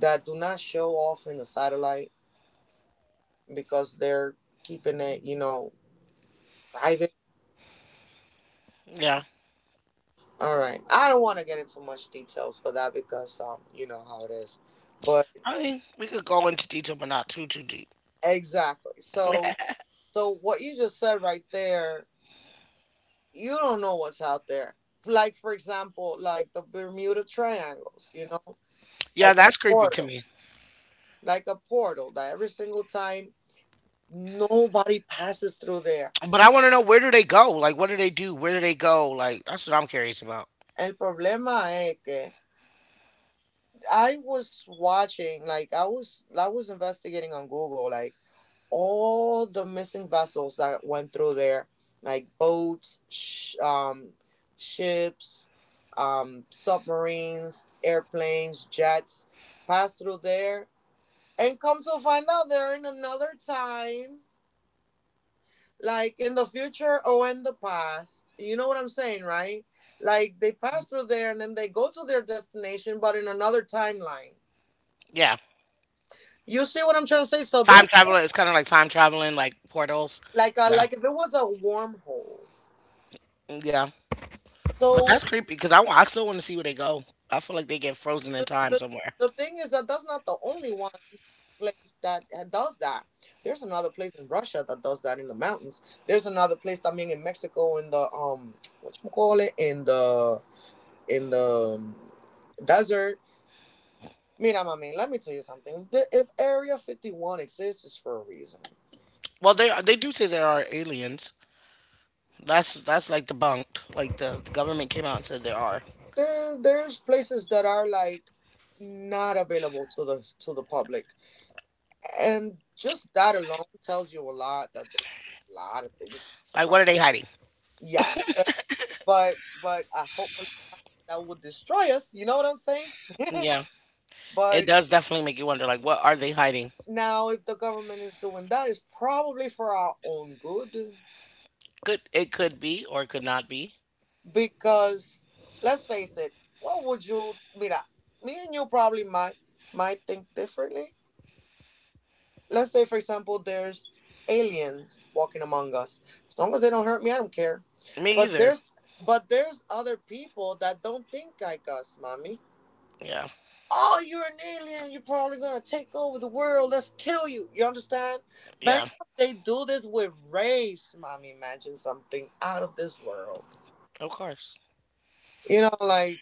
[SPEAKER 2] that do not show off in the satellite because they're keeping it, you know, private.
[SPEAKER 1] yeah.
[SPEAKER 2] All right. I don't want to get into much details for that because you know how it is. But
[SPEAKER 1] I mean, we could go into detail, but not too deep.
[SPEAKER 2] exactly. So so what you just said right there, you don't know what's out there. Like for example, like the Bermuda Triangles, you know,
[SPEAKER 1] Yeah,
[SPEAKER 2] like a
[SPEAKER 1] that's creepy to
[SPEAKER 2] portal,
[SPEAKER 1] me.
[SPEAKER 2] like a portal that every single time nobody passes through there.
[SPEAKER 1] But I want to know where do they go? Like, what do they do? Where do they go? Like, that's what I'm curious about.
[SPEAKER 2] El problema es que I was watching, like I was investigating on Google, like all the missing vessels that went through there, like boats, ships, submarines, airplanes, jets, passed through there. And come to find out they're in another time, like in the future or in the past. You know what I'm saying, right? Like they pass through there and then they go to their destination, but in another timeline.
[SPEAKER 1] Yeah,
[SPEAKER 2] You see what I'm trying to say? So
[SPEAKER 1] time
[SPEAKER 2] there's
[SPEAKER 1] traveler is kind of like time traveling, like portals.
[SPEAKER 2] like a,
[SPEAKER 1] Yeah,
[SPEAKER 2] like if it was a wormhole.
[SPEAKER 1] yeah. But
[SPEAKER 2] So
[SPEAKER 1] that's creepy because I still want to see where they go. I feel like they get frozen in
[SPEAKER 2] the,
[SPEAKER 1] time
[SPEAKER 2] the
[SPEAKER 1] somewhere.
[SPEAKER 2] the thing is that that's not the only one place that does that. There's another place in Russia that does that in the mountains. There's another place, I mean in Mexico, in the what you call it, in the, in the desert. Mira, mami, let me tell you something. The, if Area 51 exists, it's for a reason.
[SPEAKER 1] Well, they do say there are aliens. That's like debunked. Like the government came out and said there are.
[SPEAKER 2] There's places that are like not available to the public, and just that alone tells you a lot that they, a lot of things.
[SPEAKER 1] Like, what are they hiding?
[SPEAKER 2] Yeah, but but but hopefully that would destroy us. You know what I'm saying?
[SPEAKER 1] Yeah, it
[SPEAKER 2] But
[SPEAKER 1] does definitely make you wonder. Like, what are they hiding?
[SPEAKER 2] now, if the government is doing that, it's probably for our own good.
[SPEAKER 1] Could it could be or it could not be?
[SPEAKER 2] Because let's face it, what would you, mira, me and you probably might think differently. Let's say for example there's aliens walking among us. As long as they don't hurt me, I don't care.
[SPEAKER 1] Me
[SPEAKER 2] But
[SPEAKER 1] either.
[SPEAKER 2] there's, but there's other people that don't think like us, mommy.
[SPEAKER 1] Yeah,
[SPEAKER 2] Oh, you're an alien. You're probably gonna take over the world. Let's kill you. You understand?
[SPEAKER 1] yeah.
[SPEAKER 2] But they do this with race, mommy. Imagine something out of this world.
[SPEAKER 1] Of course.
[SPEAKER 2] You know, like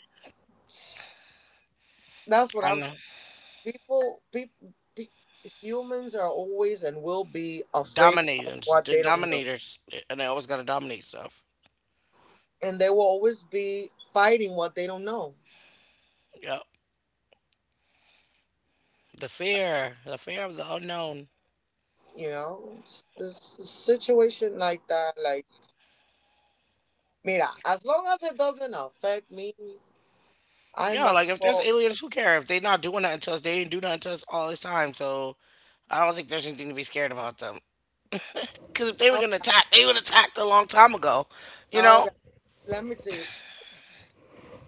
[SPEAKER 2] that's what
[SPEAKER 1] I
[SPEAKER 2] I'm,
[SPEAKER 1] know.
[SPEAKER 2] people, humans are always and will be afraid of
[SPEAKER 1] Dominators,
[SPEAKER 2] what
[SPEAKER 1] the
[SPEAKER 2] they don't know,
[SPEAKER 1] dominators, and they always gotta dominate stuff.
[SPEAKER 2] and they will always be fighting what they don't know.
[SPEAKER 1] Yep. The fear of the unknown.
[SPEAKER 2] You know, it's a situation like that. Like, mira, as long as it doesn't affect me, I
[SPEAKER 1] Yeah,
[SPEAKER 2] might
[SPEAKER 1] like if there's
[SPEAKER 2] go
[SPEAKER 1] aliens, who care? If they not doing nothing to us, they ain't do nothing to us all this time. So I don't think there's anything to be scared about them. Because if they were
[SPEAKER 2] out,
[SPEAKER 1] gonna attack, they would attacked a long time ago, you
[SPEAKER 2] out.
[SPEAKER 1] know.
[SPEAKER 2] Let me tell you,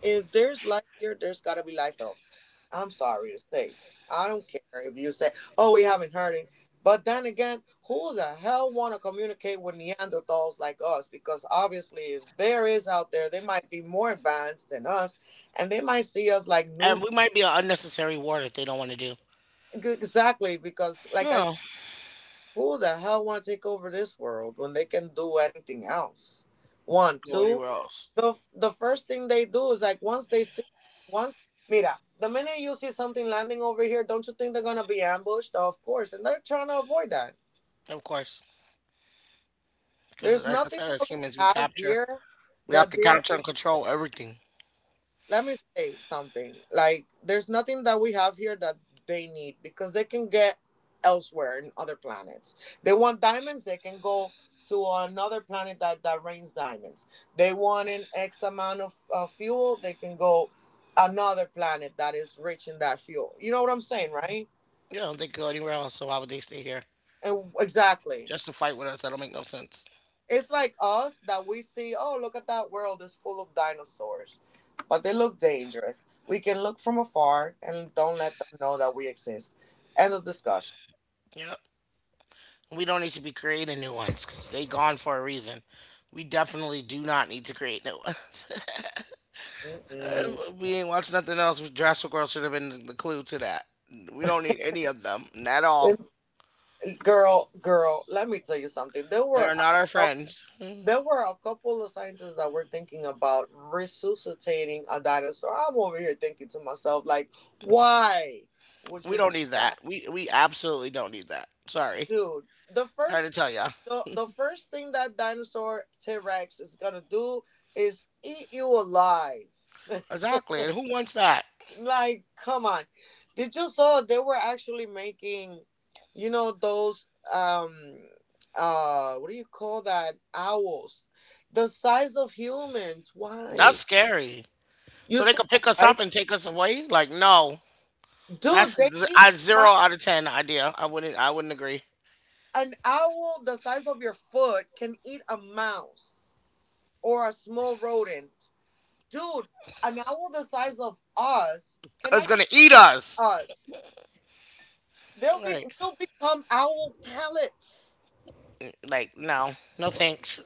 [SPEAKER 2] if there's life here, there's got to be life elsewhere. I'm sorry to say. I don't care if you say, oh, we haven't heard it. But then again, who the hell want to communicate with Neanderthals like us? Because obviously, if there is out there, they might be more advanced than us, and they might see us like
[SPEAKER 1] And
[SPEAKER 2] new.
[SPEAKER 1] we might be an unnecessary war that they don't want to do.
[SPEAKER 2] Exactly, because like I
[SPEAKER 1] No,
[SPEAKER 2] said, who the hell want to take over this world when they can do anything else? One,
[SPEAKER 1] go
[SPEAKER 2] two.
[SPEAKER 1] anywhere else.
[SPEAKER 2] The first thing they do is like once they see, once, mira, the minute you see something landing over here, don't you think they're gonna be ambushed? Of course, and they're trying to avoid that.
[SPEAKER 1] Of course, because
[SPEAKER 2] There's
[SPEAKER 1] like I
[SPEAKER 2] nothing
[SPEAKER 1] said, as
[SPEAKER 2] that we
[SPEAKER 1] humans,
[SPEAKER 2] have here
[SPEAKER 1] we have
[SPEAKER 2] that
[SPEAKER 1] to
[SPEAKER 2] they're
[SPEAKER 1] capture and
[SPEAKER 2] interested.
[SPEAKER 1] control everything.
[SPEAKER 2] Let me say something. Like, there's nothing that we have here that they need, because they can get elsewhere in other planets. They want diamonds, they can go to another planet that rains diamonds. They want an X amount of fuel, they can go another planet that is rich in that fuel. You know what I'm saying, right?
[SPEAKER 1] Yeah, they go anywhere else. So why would they stay here?
[SPEAKER 2] And exactly.
[SPEAKER 1] Just to fight with us. That'll make no sense.
[SPEAKER 2] It's like us that we see, oh, look at that world is full of dinosaurs, but they look dangerous. We can look from afar and don't let them know that we exist. End of discussion.
[SPEAKER 1] Yep. We don't need to be creating new ones because they gone for a reason. We definitely do not need to create new ones.
[SPEAKER 2] Mm-mm.
[SPEAKER 1] We ain't watched nothing else. Jurassic World should have been the clue to that. We don't need any of them at all.
[SPEAKER 2] Girl, let me tell you something.
[SPEAKER 1] They are not our
[SPEAKER 2] Cou-
[SPEAKER 1] friends. We
[SPEAKER 2] there were a couple of scientists that were thinking about resuscitating a dinosaur. I'm over here thinking to myself, like, why would you do
[SPEAKER 1] don't need that.
[SPEAKER 2] that?
[SPEAKER 1] We absolutely don't need that. Sorry.
[SPEAKER 2] Dude.
[SPEAKER 1] Sorry to tell ya.
[SPEAKER 2] The first thing that dinosaur T Rex is gonna do is eat you alive.
[SPEAKER 1] Exactly. And who wants that?
[SPEAKER 2] Like, come on. Did you saw they were actually making, you know, those what do you call that? Owls. The size of humans.
[SPEAKER 1] That's
[SPEAKER 2] Why?
[SPEAKER 1] scary.
[SPEAKER 2] You
[SPEAKER 1] So they
[SPEAKER 2] saw
[SPEAKER 1] could
[SPEAKER 2] that,
[SPEAKER 1] pick us
[SPEAKER 2] right?
[SPEAKER 1] up and take us away? Like, no.
[SPEAKER 2] Dude,
[SPEAKER 1] That's
[SPEAKER 2] they eat
[SPEAKER 1] a
[SPEAKER 2] my,
[SPEAKER 1] zero out of ten idea. I wouldn't. I wouldn't agree.
[SPEAKER 2] an owl the size of your foot can eat a mouse or a small rodent. Dude, an owl the size of us can
[SPEAKER 1] 'Cause it's
[SPEAKER 2] actually
[SPEAKER 1] gonna eat us.
[SPEAKER 2] us. They'll be,
[SPEAKER 1] Right.
[SPEAKER 2] will become owl pellets.
[SPEAKER 1] Like no, no thanks.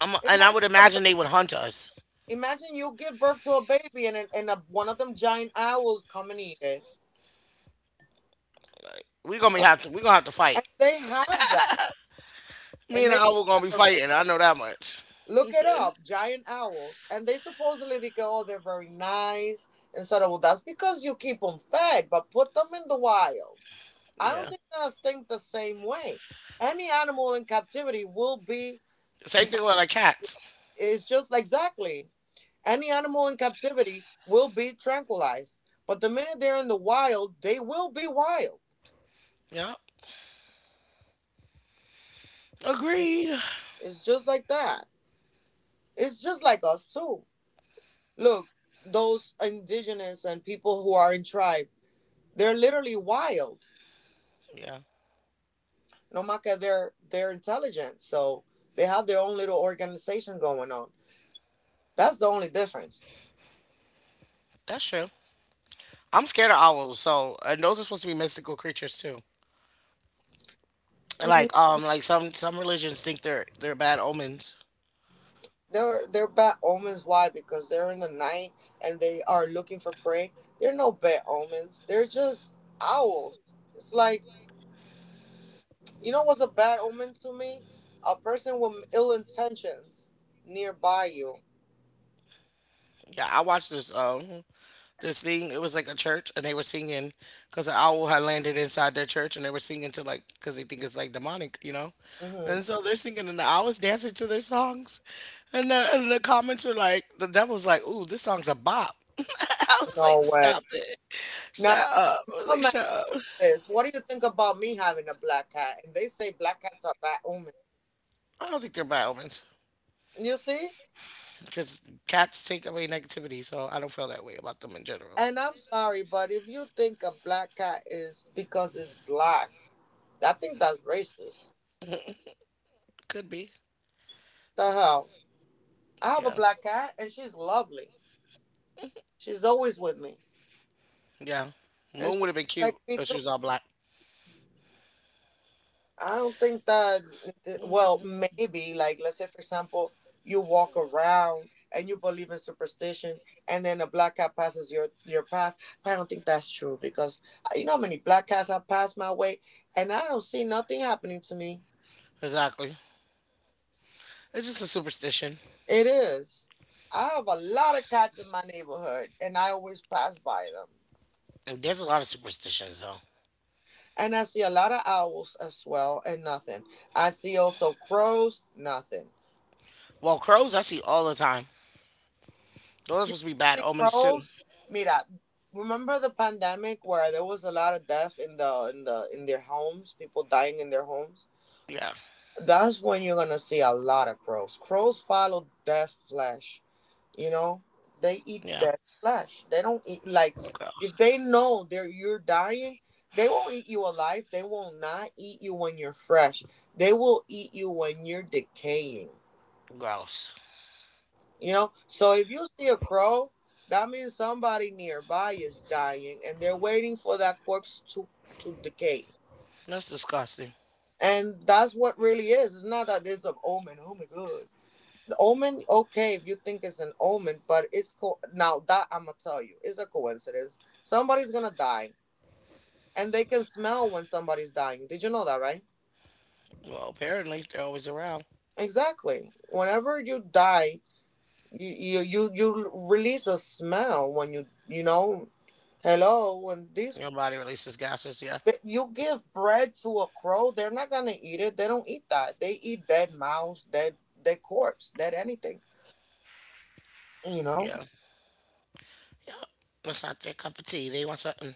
[SPEAKER 1] I would
[SPEAKER 2] Imagine a
[SPEAKER 1] imagine
[SPEAKER 2] ba-
[SPEAKER 1] they would hunt us.
[SPEAKER 2] Imagine you give birth to a baby and one of them giant owls come and eat it.
[SPEAKER 1] We gonna be have to. We gonna have to fight.
[SPEAKER 2] And they have that,
[SPEAKER 1] Me
[SPEAKER 2] and
[SPEAKER 1] and
[SPEAKER 2] they have
[SPEAKER 1] I were gonna
[SPEAKER 2] that
[SPEAKER 1] be
[SPEAKER 2] already.
[SPEAKER 1] fighting. I know that much.
[SPEAKER 2] Look it up, giant owls, and they supposedly they go, oh, they're very nice and so well, that's because you keep them fed, but put them in the wild. I don't
[SPEAKER 1] Yeah.
[SPEAKER 2] think they're think the same way. Any animal in captivity will be,
[SPEAKER 1] Same thing with like cats.
[SPEAKER 2] it's just exactly, any animal in captivity will be tranquilized, but the minute they're in the wild, they will be wild.
[SPEAKER 1] Yeah.
[SPEAKER 2] It,
[SPEAKER 1] Agreed.
[SPEAKER 2] it's just like that. It's just like us too. Look, those indigenous and people who are in tribe, they're literally wild.
[SPEAKER 1] Yeah.
[SPEAKER 2] No matter they're intelligent, so they have their own little organization going on. That's the only difference.
[SPEAKER 1] That's true. I'm scared of owls. So and those are supposed to be mystical creatures too. Like some religions think they're bad omens.
[SPEAKER 2] They're bad omens. Why? Because they're in the night and they are looking for prey. They're no bad omens. They're just owls. It's like, you know what's a bad omen to me? A person with ill intentions nearby you.
[SPEAKER 1] Yeah. I watched this. This thing. It was like a church, and they were singing because an owl had landed inside their church, and they were singing to like because they think it's like demonic.
[SPEAKER 2] Hmm.
[SPEAKER 1] And so they're singing, and the owls dancing to their songs, and the comments were like, the devil's like, "Ooh, this song's a bop." I was like,
[SPEAKER 2] No way.
[SPEAKER 1] "Stop it, shut
[SPEAKER 2] Now
[SPEAKER 1] up." I was like,
[SPEAKER 2] I'm at
[SPEAKER 1] "Shut up."
[SPEAKER 2] this. What do you think about me having a black cat? And they say black cats are bad omen.
[SPEAKER 1] I don't think they're bad omens
[SPEAKER 2] You see?
[SPEAKER 1] because cats take away negativity, so I don't feel that way about them in general.
[SPEAKER 2] And I'm sorry, but if you think a black cat is because it's black, I think that's racist.
[SPEAKER 1] Could be,
[SPEAKER 2] The hell. I have a
[SPEAKER 1] yeah,
[SPEAKER 2] black cat, and she's lovely. She's always with me,
[SPEAKER 1] yeah.
[SPEAKER 2] and
[SPEAKER 1] Moon
[SPEAKER 2] she
[SPEAKER 1] would have been cute
[SPEAKER 2] protects me
[SPEAKER 1] if she
[SPEAKER 2] too.
[SPEAKER 1] was all black.
[SPEAKER 2] I don't think that. Well, maybe like let's say for example, you walk around and you believe in superstition, and then a black cat passes your path. But I don't think that's true because you know how many black cats have passed my way, and I don't see nothing happening to me.
[SPEAKER 1] Exactly. It's just a superstition.
[SPEAKER 2] It is. I have a lot of cats in my neighborhood, and I always pass by them.
[SPEAKER 1] And there's a lot of superstitions though.
[SPEAKER 2] And I see a lot of owls as well, and nothing. I see also crows, nothing.
[SPEAKER 1] Well, crows I see all the time. Those are
[SPEAKER 2] You
[SPEAKER 1] supposed to be bad
[SPEAKER 2] see
[SPEAKER 1] omens too.
[SPEAKER 2] crows? Mira, remember the pandemic where there was a lot of death in the in the in their homes, people dying in their homes.
[SPEAKER 1] Yeah,
[SPEAKER 2] That's when you're gonna see a lot of crows. Crows follow death flesh. You know, they eat
[SPEAKER 1] yeah.
[SPEAKER 2] dead flesh. They don't eat like
[SPEAKER 1] Gro-
[SPEAKER 2] if they know they're you're dying, they won't eat you alive. They will not eat you when you're fresh. They will eat you when you're decaying.
[SPEAKER 1] Gross.
[SPEAKER 2] You know, so if you see a crow, that means somebody nearby is dying, and they're waiting for that corpse to decay.
[SPEAKER 1] That's disgusting.
[SPEAKER 2] And that's what really is. It's not that it's an omen. Oh my god. The omen, okay, if you think it's an omen, but now that I'm gonna tell you, it's a coincidence. Somebody's gonna die, and they can smell when somebody's dying. Did you know that, right?
[SPEAKER 1] Well, apparently they're always around.
[SPEAKER 2] Exactly. Whenever you die, you release a smell when you know. Hello, when these
[SPEAKER 1] Your body releases gases. Yeah,
[SPEAKER 2] you give bread to a crow, they're not gonna eat it. They don't eat that. They eat dead mouse, dead corpse, dead anything. You know.
[SPEAKER 1] yeah, yeah. That's not their cup of tea. They want something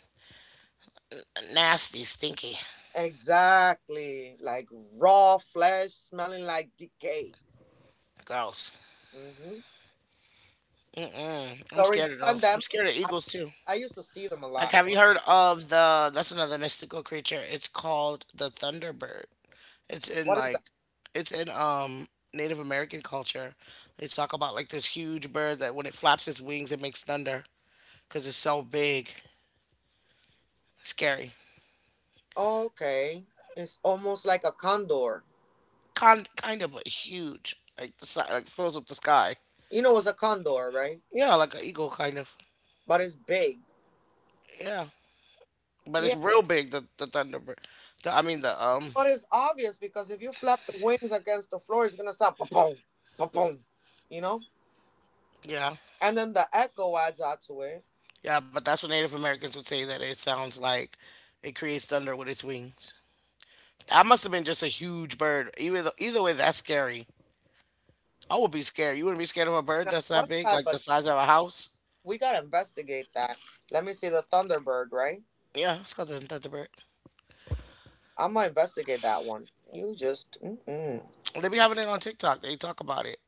[SPEAKER 1] nasty, stinky,
[SPEAKER 2] Exactly. Like raw flesh smelling like decay.
[SPEAKER 1] gross.
[SPEAKER 2] Hmm.
[SPEAKER 1] Mm-mm. I'm
[SPEAKER 2] During the
[SPEAKER 1] scared of those. I'm
[SPEAKER 2] pandemic,
[SPEAKER 1] scared of eagles too.
[SPEAKER 2] I used to see them a
[SPEAKER 1] Like,
[SPEAKER 2] lot.
[SPEAKER 1] have you heard of the? That's another mystical creature. It's called the thunderbird. It's in
[SPEAKER 2] What is that?
[SPEAKER 1] like it's in Native American culture. They talk about like this huge bird that when it flaps its wings it makes thunder because it's so big, scary.
[SPEAKER 2] Okay. It's almost like a condor.
[SPEAKER 1] Kind of but huge, like like fills up the sky.
[SPEAKER 2] You know it's a condor, right?
[SPEAKER 1] Yeah, like an eagle kind of.
[SPEAKER 2] But it's big.
[SPEAKER 1] Yeah, but it's
[SPEAKER 2] Yeah.
[SPEAKER 1] real big. The thunderbird. I mean the
[SPEAKER 2] But it's obvious because if you flap the wings against the floor, it's going to sound pa-pong, pa-pong, you know?
[SPEAKER 1] yeah,
[SPEAKER 2] And then the echo adds out to it.
[SPEAKER 1] yeah. But that's what Native Americans would say that it sounds like. It creates thunder with its wings. That must have been just a huge bird. Either way, that's scary. I would be scared. You wouldn't be scared of a bird
[SPEAKER 2] Now,
[SPEAKER 1] that's that
[SPEAKER 2] what
[SPEAKER 1] big,
[SPEAKER 2] type
[SPEAKER 1] like the
[SPEAKER 2] of...
[SPEAKER 1] size of a house?
[SPEAKER 2] We got to investigate that. Let me see the Thunderbird, right?
[SPEAKER 1] Yeah, it's called the Thunderbird.
[SPEAKER 2] I am going to investigate that one. You just, mm-mm.
[SPEAKER 1] They be having it on TikTok. They talk about it.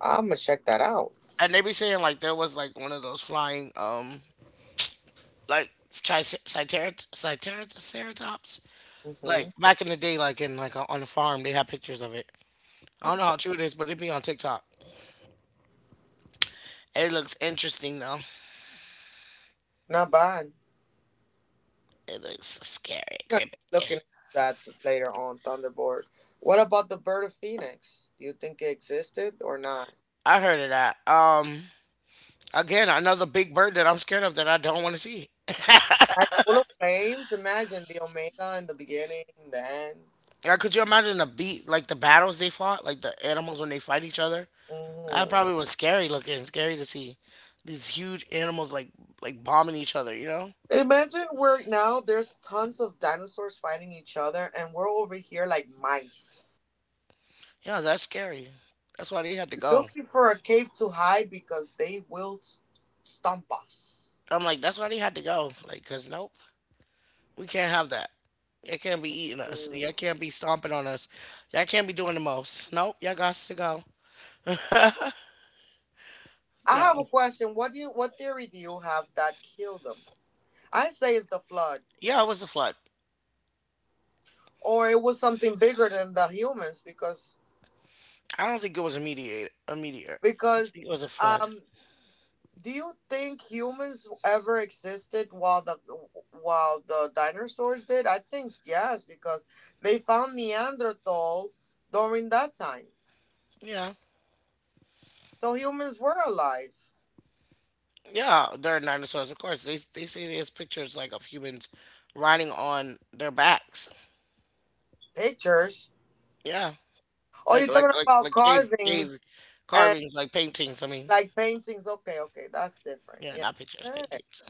[SPEAKER 2] I'm gonna check that out.
[SPEAKER 1] And they be saying like there was like one of those flying like triceratops. Like
[SPEAKER 2] Mm-hmm.
[SPEAKER 1] back in the day, like on a farm, they had pictures of it. I don't know
[SPEAKER 2] Okay.
[SPEAKER 1] how true it is, but it be on TikTok. It looks interesting though.
[SPEAKER 2] Not bad. I'm
[SPEAKER 1] It looks scary,
[SPEAKER 2] gonna
[SPEAKER 1] creepy.
[SPEAKER 2] be looking into that later on Thunderbird. What about the bird of phoenix? Do you think it existed or not?
[SPEAKER 1] I heard of that. Again, another big bird that I'm scared of that I don't want to see.
[SPEAKER 2] Like full of flames. Imagine the omega in the beginning, the end.
[SPEAKER 1] Yeah, could you imagine the like the battles they fought, like the animals when they fight each other?
[SPEAKER 2] Mm-hmm.
[SPEAKER 1] That probably was scary looking, scary to see these huge animals like bombing each other. You know?
[SPEAKER 2] Imagine we're now there's tons of dinosaurs fighting each other, and we're over here like mice
[SPEAKER 1] Yeah, that's scary. That's why they had to go.
[SPEAKER 2] looking for a cave to hide because they will stomp us.
[SPEAKER 1] I'm like, that's why they had to go. Like, cause nope, we can't have that. Y'all can't be eating us. Y'all
[SPEAKER 2] Mm.
[SPEAKER 1] can't be stomping on us. Y'all can't be doing the most. Nope, y'all got to go.
[SPEAKER 2] I have a
[SPEAKER 1] So
[SPEAKER 2] question. What theory do you have that killed them? I say it's the flood.
[SPEAKER 1] yeah, it was a flood.
[SPEAKER 2] Or it was something bigger than the humans because
[SPEAKER 1] I don't think it was a meteor. I
[SPEAKER 2] because
[SPEAKER 1] think it was a flood.
[SPEAKER 2] um do you think humans ever existed while the dinosaurs did? I think yes because they found Neanderthal during that time.
[SPEAKER 1] Yeah,
[SPEAKER 2] So humans were alive.
[SPEAKER 1] yeah, they're dinosaurs, of course. They say there's pictures like of humans riding on their backs.
[SPEAKER 2] Pictures.
[SPEAKER 1] Yeah,
[SPEAKER 2] Oh,
[SPEAKER 1] like
[SPEAKER 2] you're
[SPEAKER 1] like
[SPEAKER 2] talking
[SPEAKER 1] like
[SPEAKER 2] about
[SPEAKER 1] like cave
[SPEAKER 2] carvings
[SPEAKER 1] cave
[SPEAKER 2] and
[SPEAKER 1] carvings, like paintings. I mean,
[SPEAKER 2] like paintings. Okay, okay, that's different.
[SPEAKER 1] yeah,
[SPEAKER 2] Yeah.
[SPEAKER 1] not pictures,
[SPEAKER 2] Okay.
[SPEAKER 1] paintings.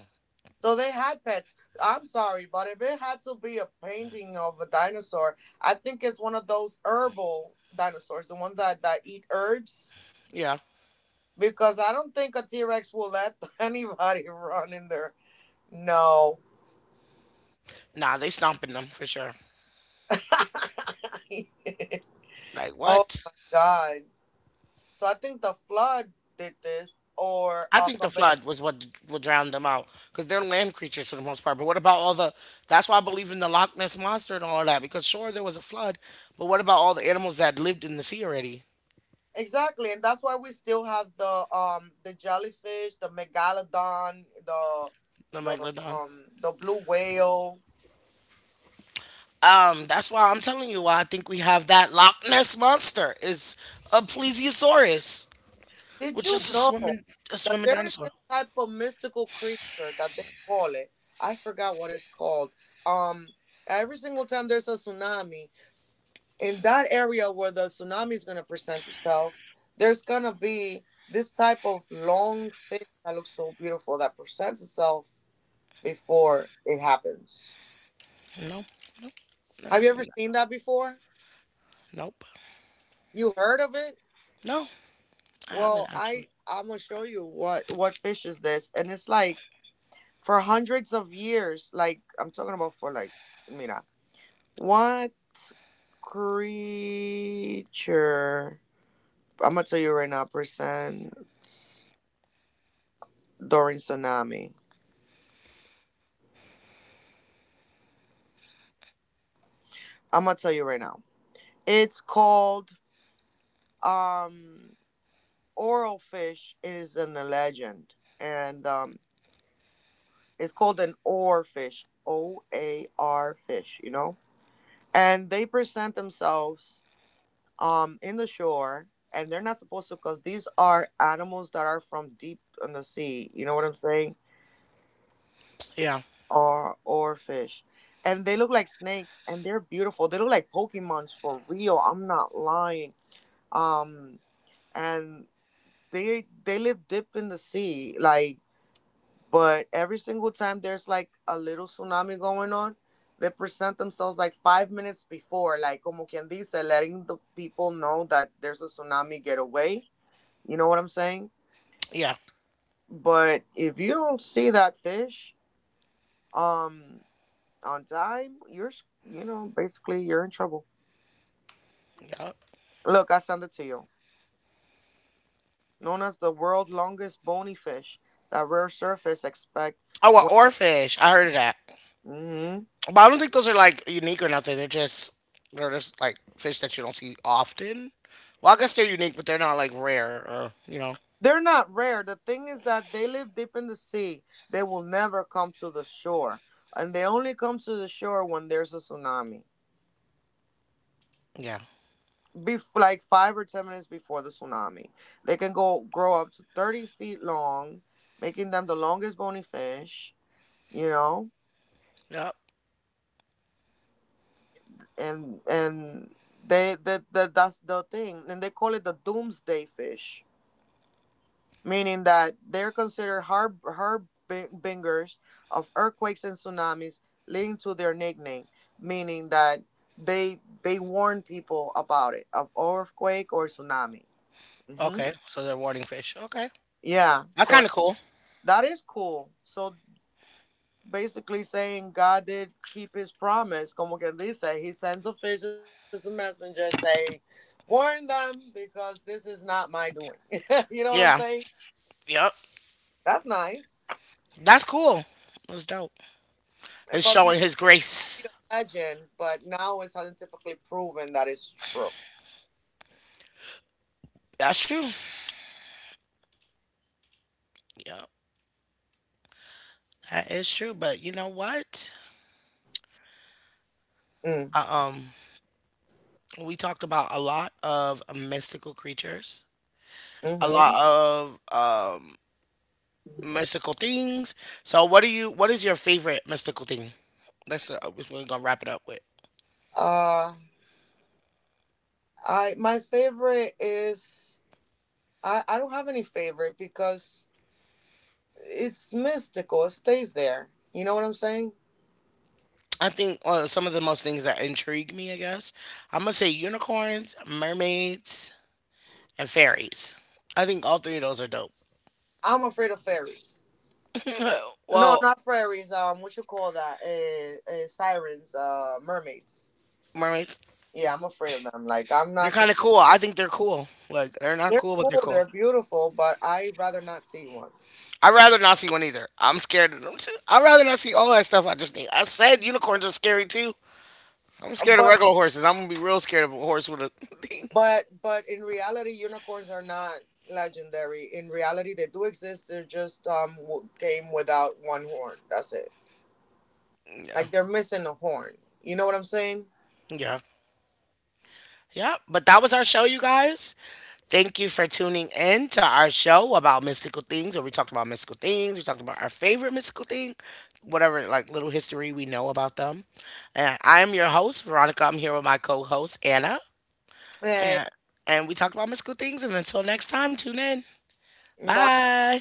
[SPEAKER 2] So they had pets. I'm sorry, but if it had to be a painting of a dinosaur, I think it's one of those herbal dinosaurs, the ones that eat herbs.
[SPEAKER 1] Yeah,
[SPEAKER 2] Because I don't think a T Rex will let anybody run in there. No.
[SPEAKER 1] nah, they stomping them for sure. Like
[SPEAKER 2] Oh
[SPEAKER 1] what?
[SPEAKER 2] my God. So I think the flood did this or
[SPEAKER 1] I
[SPEAKER 2] a
[SPEAKER 1] think the
[SPEAKER 2] combination.
[SPEAKER 1] flood was what drowned them out because they're land creatures for the most part. But what about all the? That's why I believe in the Loch Ness monster and all of that because sure there was a flood, but what about all the animals that lived in the sea already?
[SPEAKER 2] Exactly, and that's why we still have the the jellyfish, the megalodon, the
[SPEAKER 1] I'm like,
[SPEAKER 2] the
[SPEAKER 1] Ladon.
[SPEAKER 2] um the blue whale.
[SPEAKER 1] That's why I'm telling you why I think we have that Loch Ness monster is a plesiosaurus,
[SPEAKER 2] Did
[SPEAKER 1] which
[SPEAKER 2] you
[SPEAKER 1] is a
[SPEAKER 2] know
[SPEAKER 1] swimming a
[SPEAKER 2] that
[SPEAKER 1] swimming
[SPEAKER 2] there is
[SPEAKER 1] dinosaur.
[SPEAKER 2] this type of mystical creature that they call it? I forgot what it's called. Um, every single time there's a tsunami in that area where the tsunami is gonna present itself, there's gonna be this type of long fish that looks so beautiful that presents itself before it happens.
[SPEAKER 1] No, never
[SPEAKER 2] Have you
[SPEAKER 1] seen
[SPEAKER 2] ever seen
[SPEAKER 1] that.
[SPEAKER 2] that before?
[SPEAKER 1] Nope.
[SPEAKER 2] You heard of it?
[SPEAKER 1] No, I haven't
[SPEAKER 2] Well, I
[SPEAKER 1] actually.
[SPEAKER 2] I'm gonna show you what fish is this, and it's like for hundreds of years. Like I'm talking about for like, mira, what creature? I'm gonna tell you right now. Percent during tsunami. I'm gonna tell you right now. It's called um oral fish. It is in the legend, and it's called an oar fish. OAR fish. You know, and they present themselves in the shore, and they're not supposed to because these are animals that are from deep in the sea. You know what I'm saying?
[SPEAKER 1] Yeah,
[SPEAKER 2] Or fish, and they look like snakes, and they're beautiful. They look like pokemons for real, I'm not lying. Um and they live deep in the sea, like, but every single time there's like a little tsunami going on, they present themselves like 5 minutes before, like como quien dice, letting the people know that there's a tsunami, get away. You know what I'm saying?
[SPEAKER 1] yeah,
[SPEAKER 2] But if you don't see that fish um on time, you're you know basically you're in trouble.
[SPEAKER 1] yeah.
[SPEAKER 2] Look, I send it to you. Known as the world's longest bony fish, that rare surface expect.
[SPEAKER 1] Oh, a
[SPEAKER 2] When,
[SPEAKER 1] oarfish. I heard of that,
[SPEAKER 2] hmm.
[SPEAKER 1] but I don't think those are like unique or nothing. They're just like fish that you don't see often. Well, I guess they're unique, but they're not like rare or.
[SPEAKER 2] They're not rare. The thing is that they live deep in the sea. They will never come to the shore, and they only come to the shore when there's a tsunami.
[SPEAKER 1] Yeah.
[SPEAKER 2] Be like 5 or 10 minutes before the tsunami. They can go grow up to 30 feet long, making them the longest bony fish. You know,
[SPEAKER 1] Yep.
[SPEAKER 2] and they that's the thing, and they call it the doomsday fish, meaning that they're considered harbingers of earthquakes and tsunamis, leading to their nickname, meaning that they warn people about it of earthquake or tsunami. Hmm.
[SPEAKER 1] Okay. So they're warning fish. Okay.
[SPEAKER 2] Yeah,
[SPEAKER 1] That's
[SPEAKER 2] so
[SPEAKER 1] kind of cool.
[SPEAKER 2] that is cool. So basically saying God did keep his promise, como quien dice, he sends a fish as a messenger saying, warn them because this is not my doing. You know what I'm saying?
[SPEAKER 1] Yeah. Yep.
[SPEAKER 2] That's nice.
[SPEAKER 1] That's cool. That's dope. It's
[SPEAKER 2] But
[SPEAKER 1] showing
[SPEAKER 2] before
[SPEAKER 1] his
[SPEAKER 2] be
[SPEAKER 1] grace.
[SPEAKER 2] a legend, but now it's scientifically proven that it's true.
[SPEAKER 1] That's true. Yeah, that is true. But you know what?
[SPEAKER 2] Mm,
[SPEAKER 1] Uh, um, we talked about a lot of mystical creatures, a
[SPEAKER 2] mm-hmm.
[SPEAKER 1] lot of mystical things. So, what do you? What is your favorite mystical thing? That's what we're gonna wrap it up with.
[SPEAKER 2] Uh, I my favorite is I don't have any favorite because it's mystical. It stays there. You know what I'm saying?
[SPEAKER 1] I think some of the most things that intrigue me, I guess, I'm gonna say unicorns, mermaids, and fairies. I think all three of those are dope.
[SPEAKER 2] I'm afraid of fairies. No,
[SPEAKER 1] Well,
[SPEAKER 2] not fairies. What you call that? Uh, sirens. Mermaids.
[SPEAKER 1] mermaids.
[SPEAKER 2] Yeah, I'm afraid of them. Like I'm not.
[SPEAKER 1] They're
[SPEAKER 2] So,
[SPEAKER 1] kind of cool. I think they're cool. Like they're not
[SPEAKER 2] they're
[SPEAKER 1] cool, but they're
[SPEAKER 2] cool.
[SPEAKER 1] cool.
[SPEAKER 2] They're beautiful, but I would rather not see one.
[SPEAKER 1] I'd rather not see one either. I'm scared of them too. I'd rather not see all that stuff. I just need. I said unicorns are scary too. I'm
[SPEAKER 2] Uh,
[SPEAKER 1] scared of regular
[SPEAKER 2] But.
[SPEAKER 1] horses. I'm gonna be real scared of a horse with a thing.
[SPEAKER 2] But in reality, unicorns are not legendary. In reality, they do exist. They're just came without one horn. That's it.
[SPEAKER 1] Yeah,
[SPEAKER 2] Like they're missing a horn. You know what I'm saying?
[SPEAKER 1] yeah, yeah. But that was our show, you guys. Thank you for tuning in to our show about mystical things, where we talked about mystical things. We talked about our favorite mystical thing, whatever like little history we know about them. And I am your host, Veronica. I'm here with my co-host Anna.
[SPEAKER 2] Hey,
[SPEAKER 1] Yeah. And we talked about mystical things. And until next time, tune in.
[SPEAKER 2] bye.
[SPEAKER 1] Bye.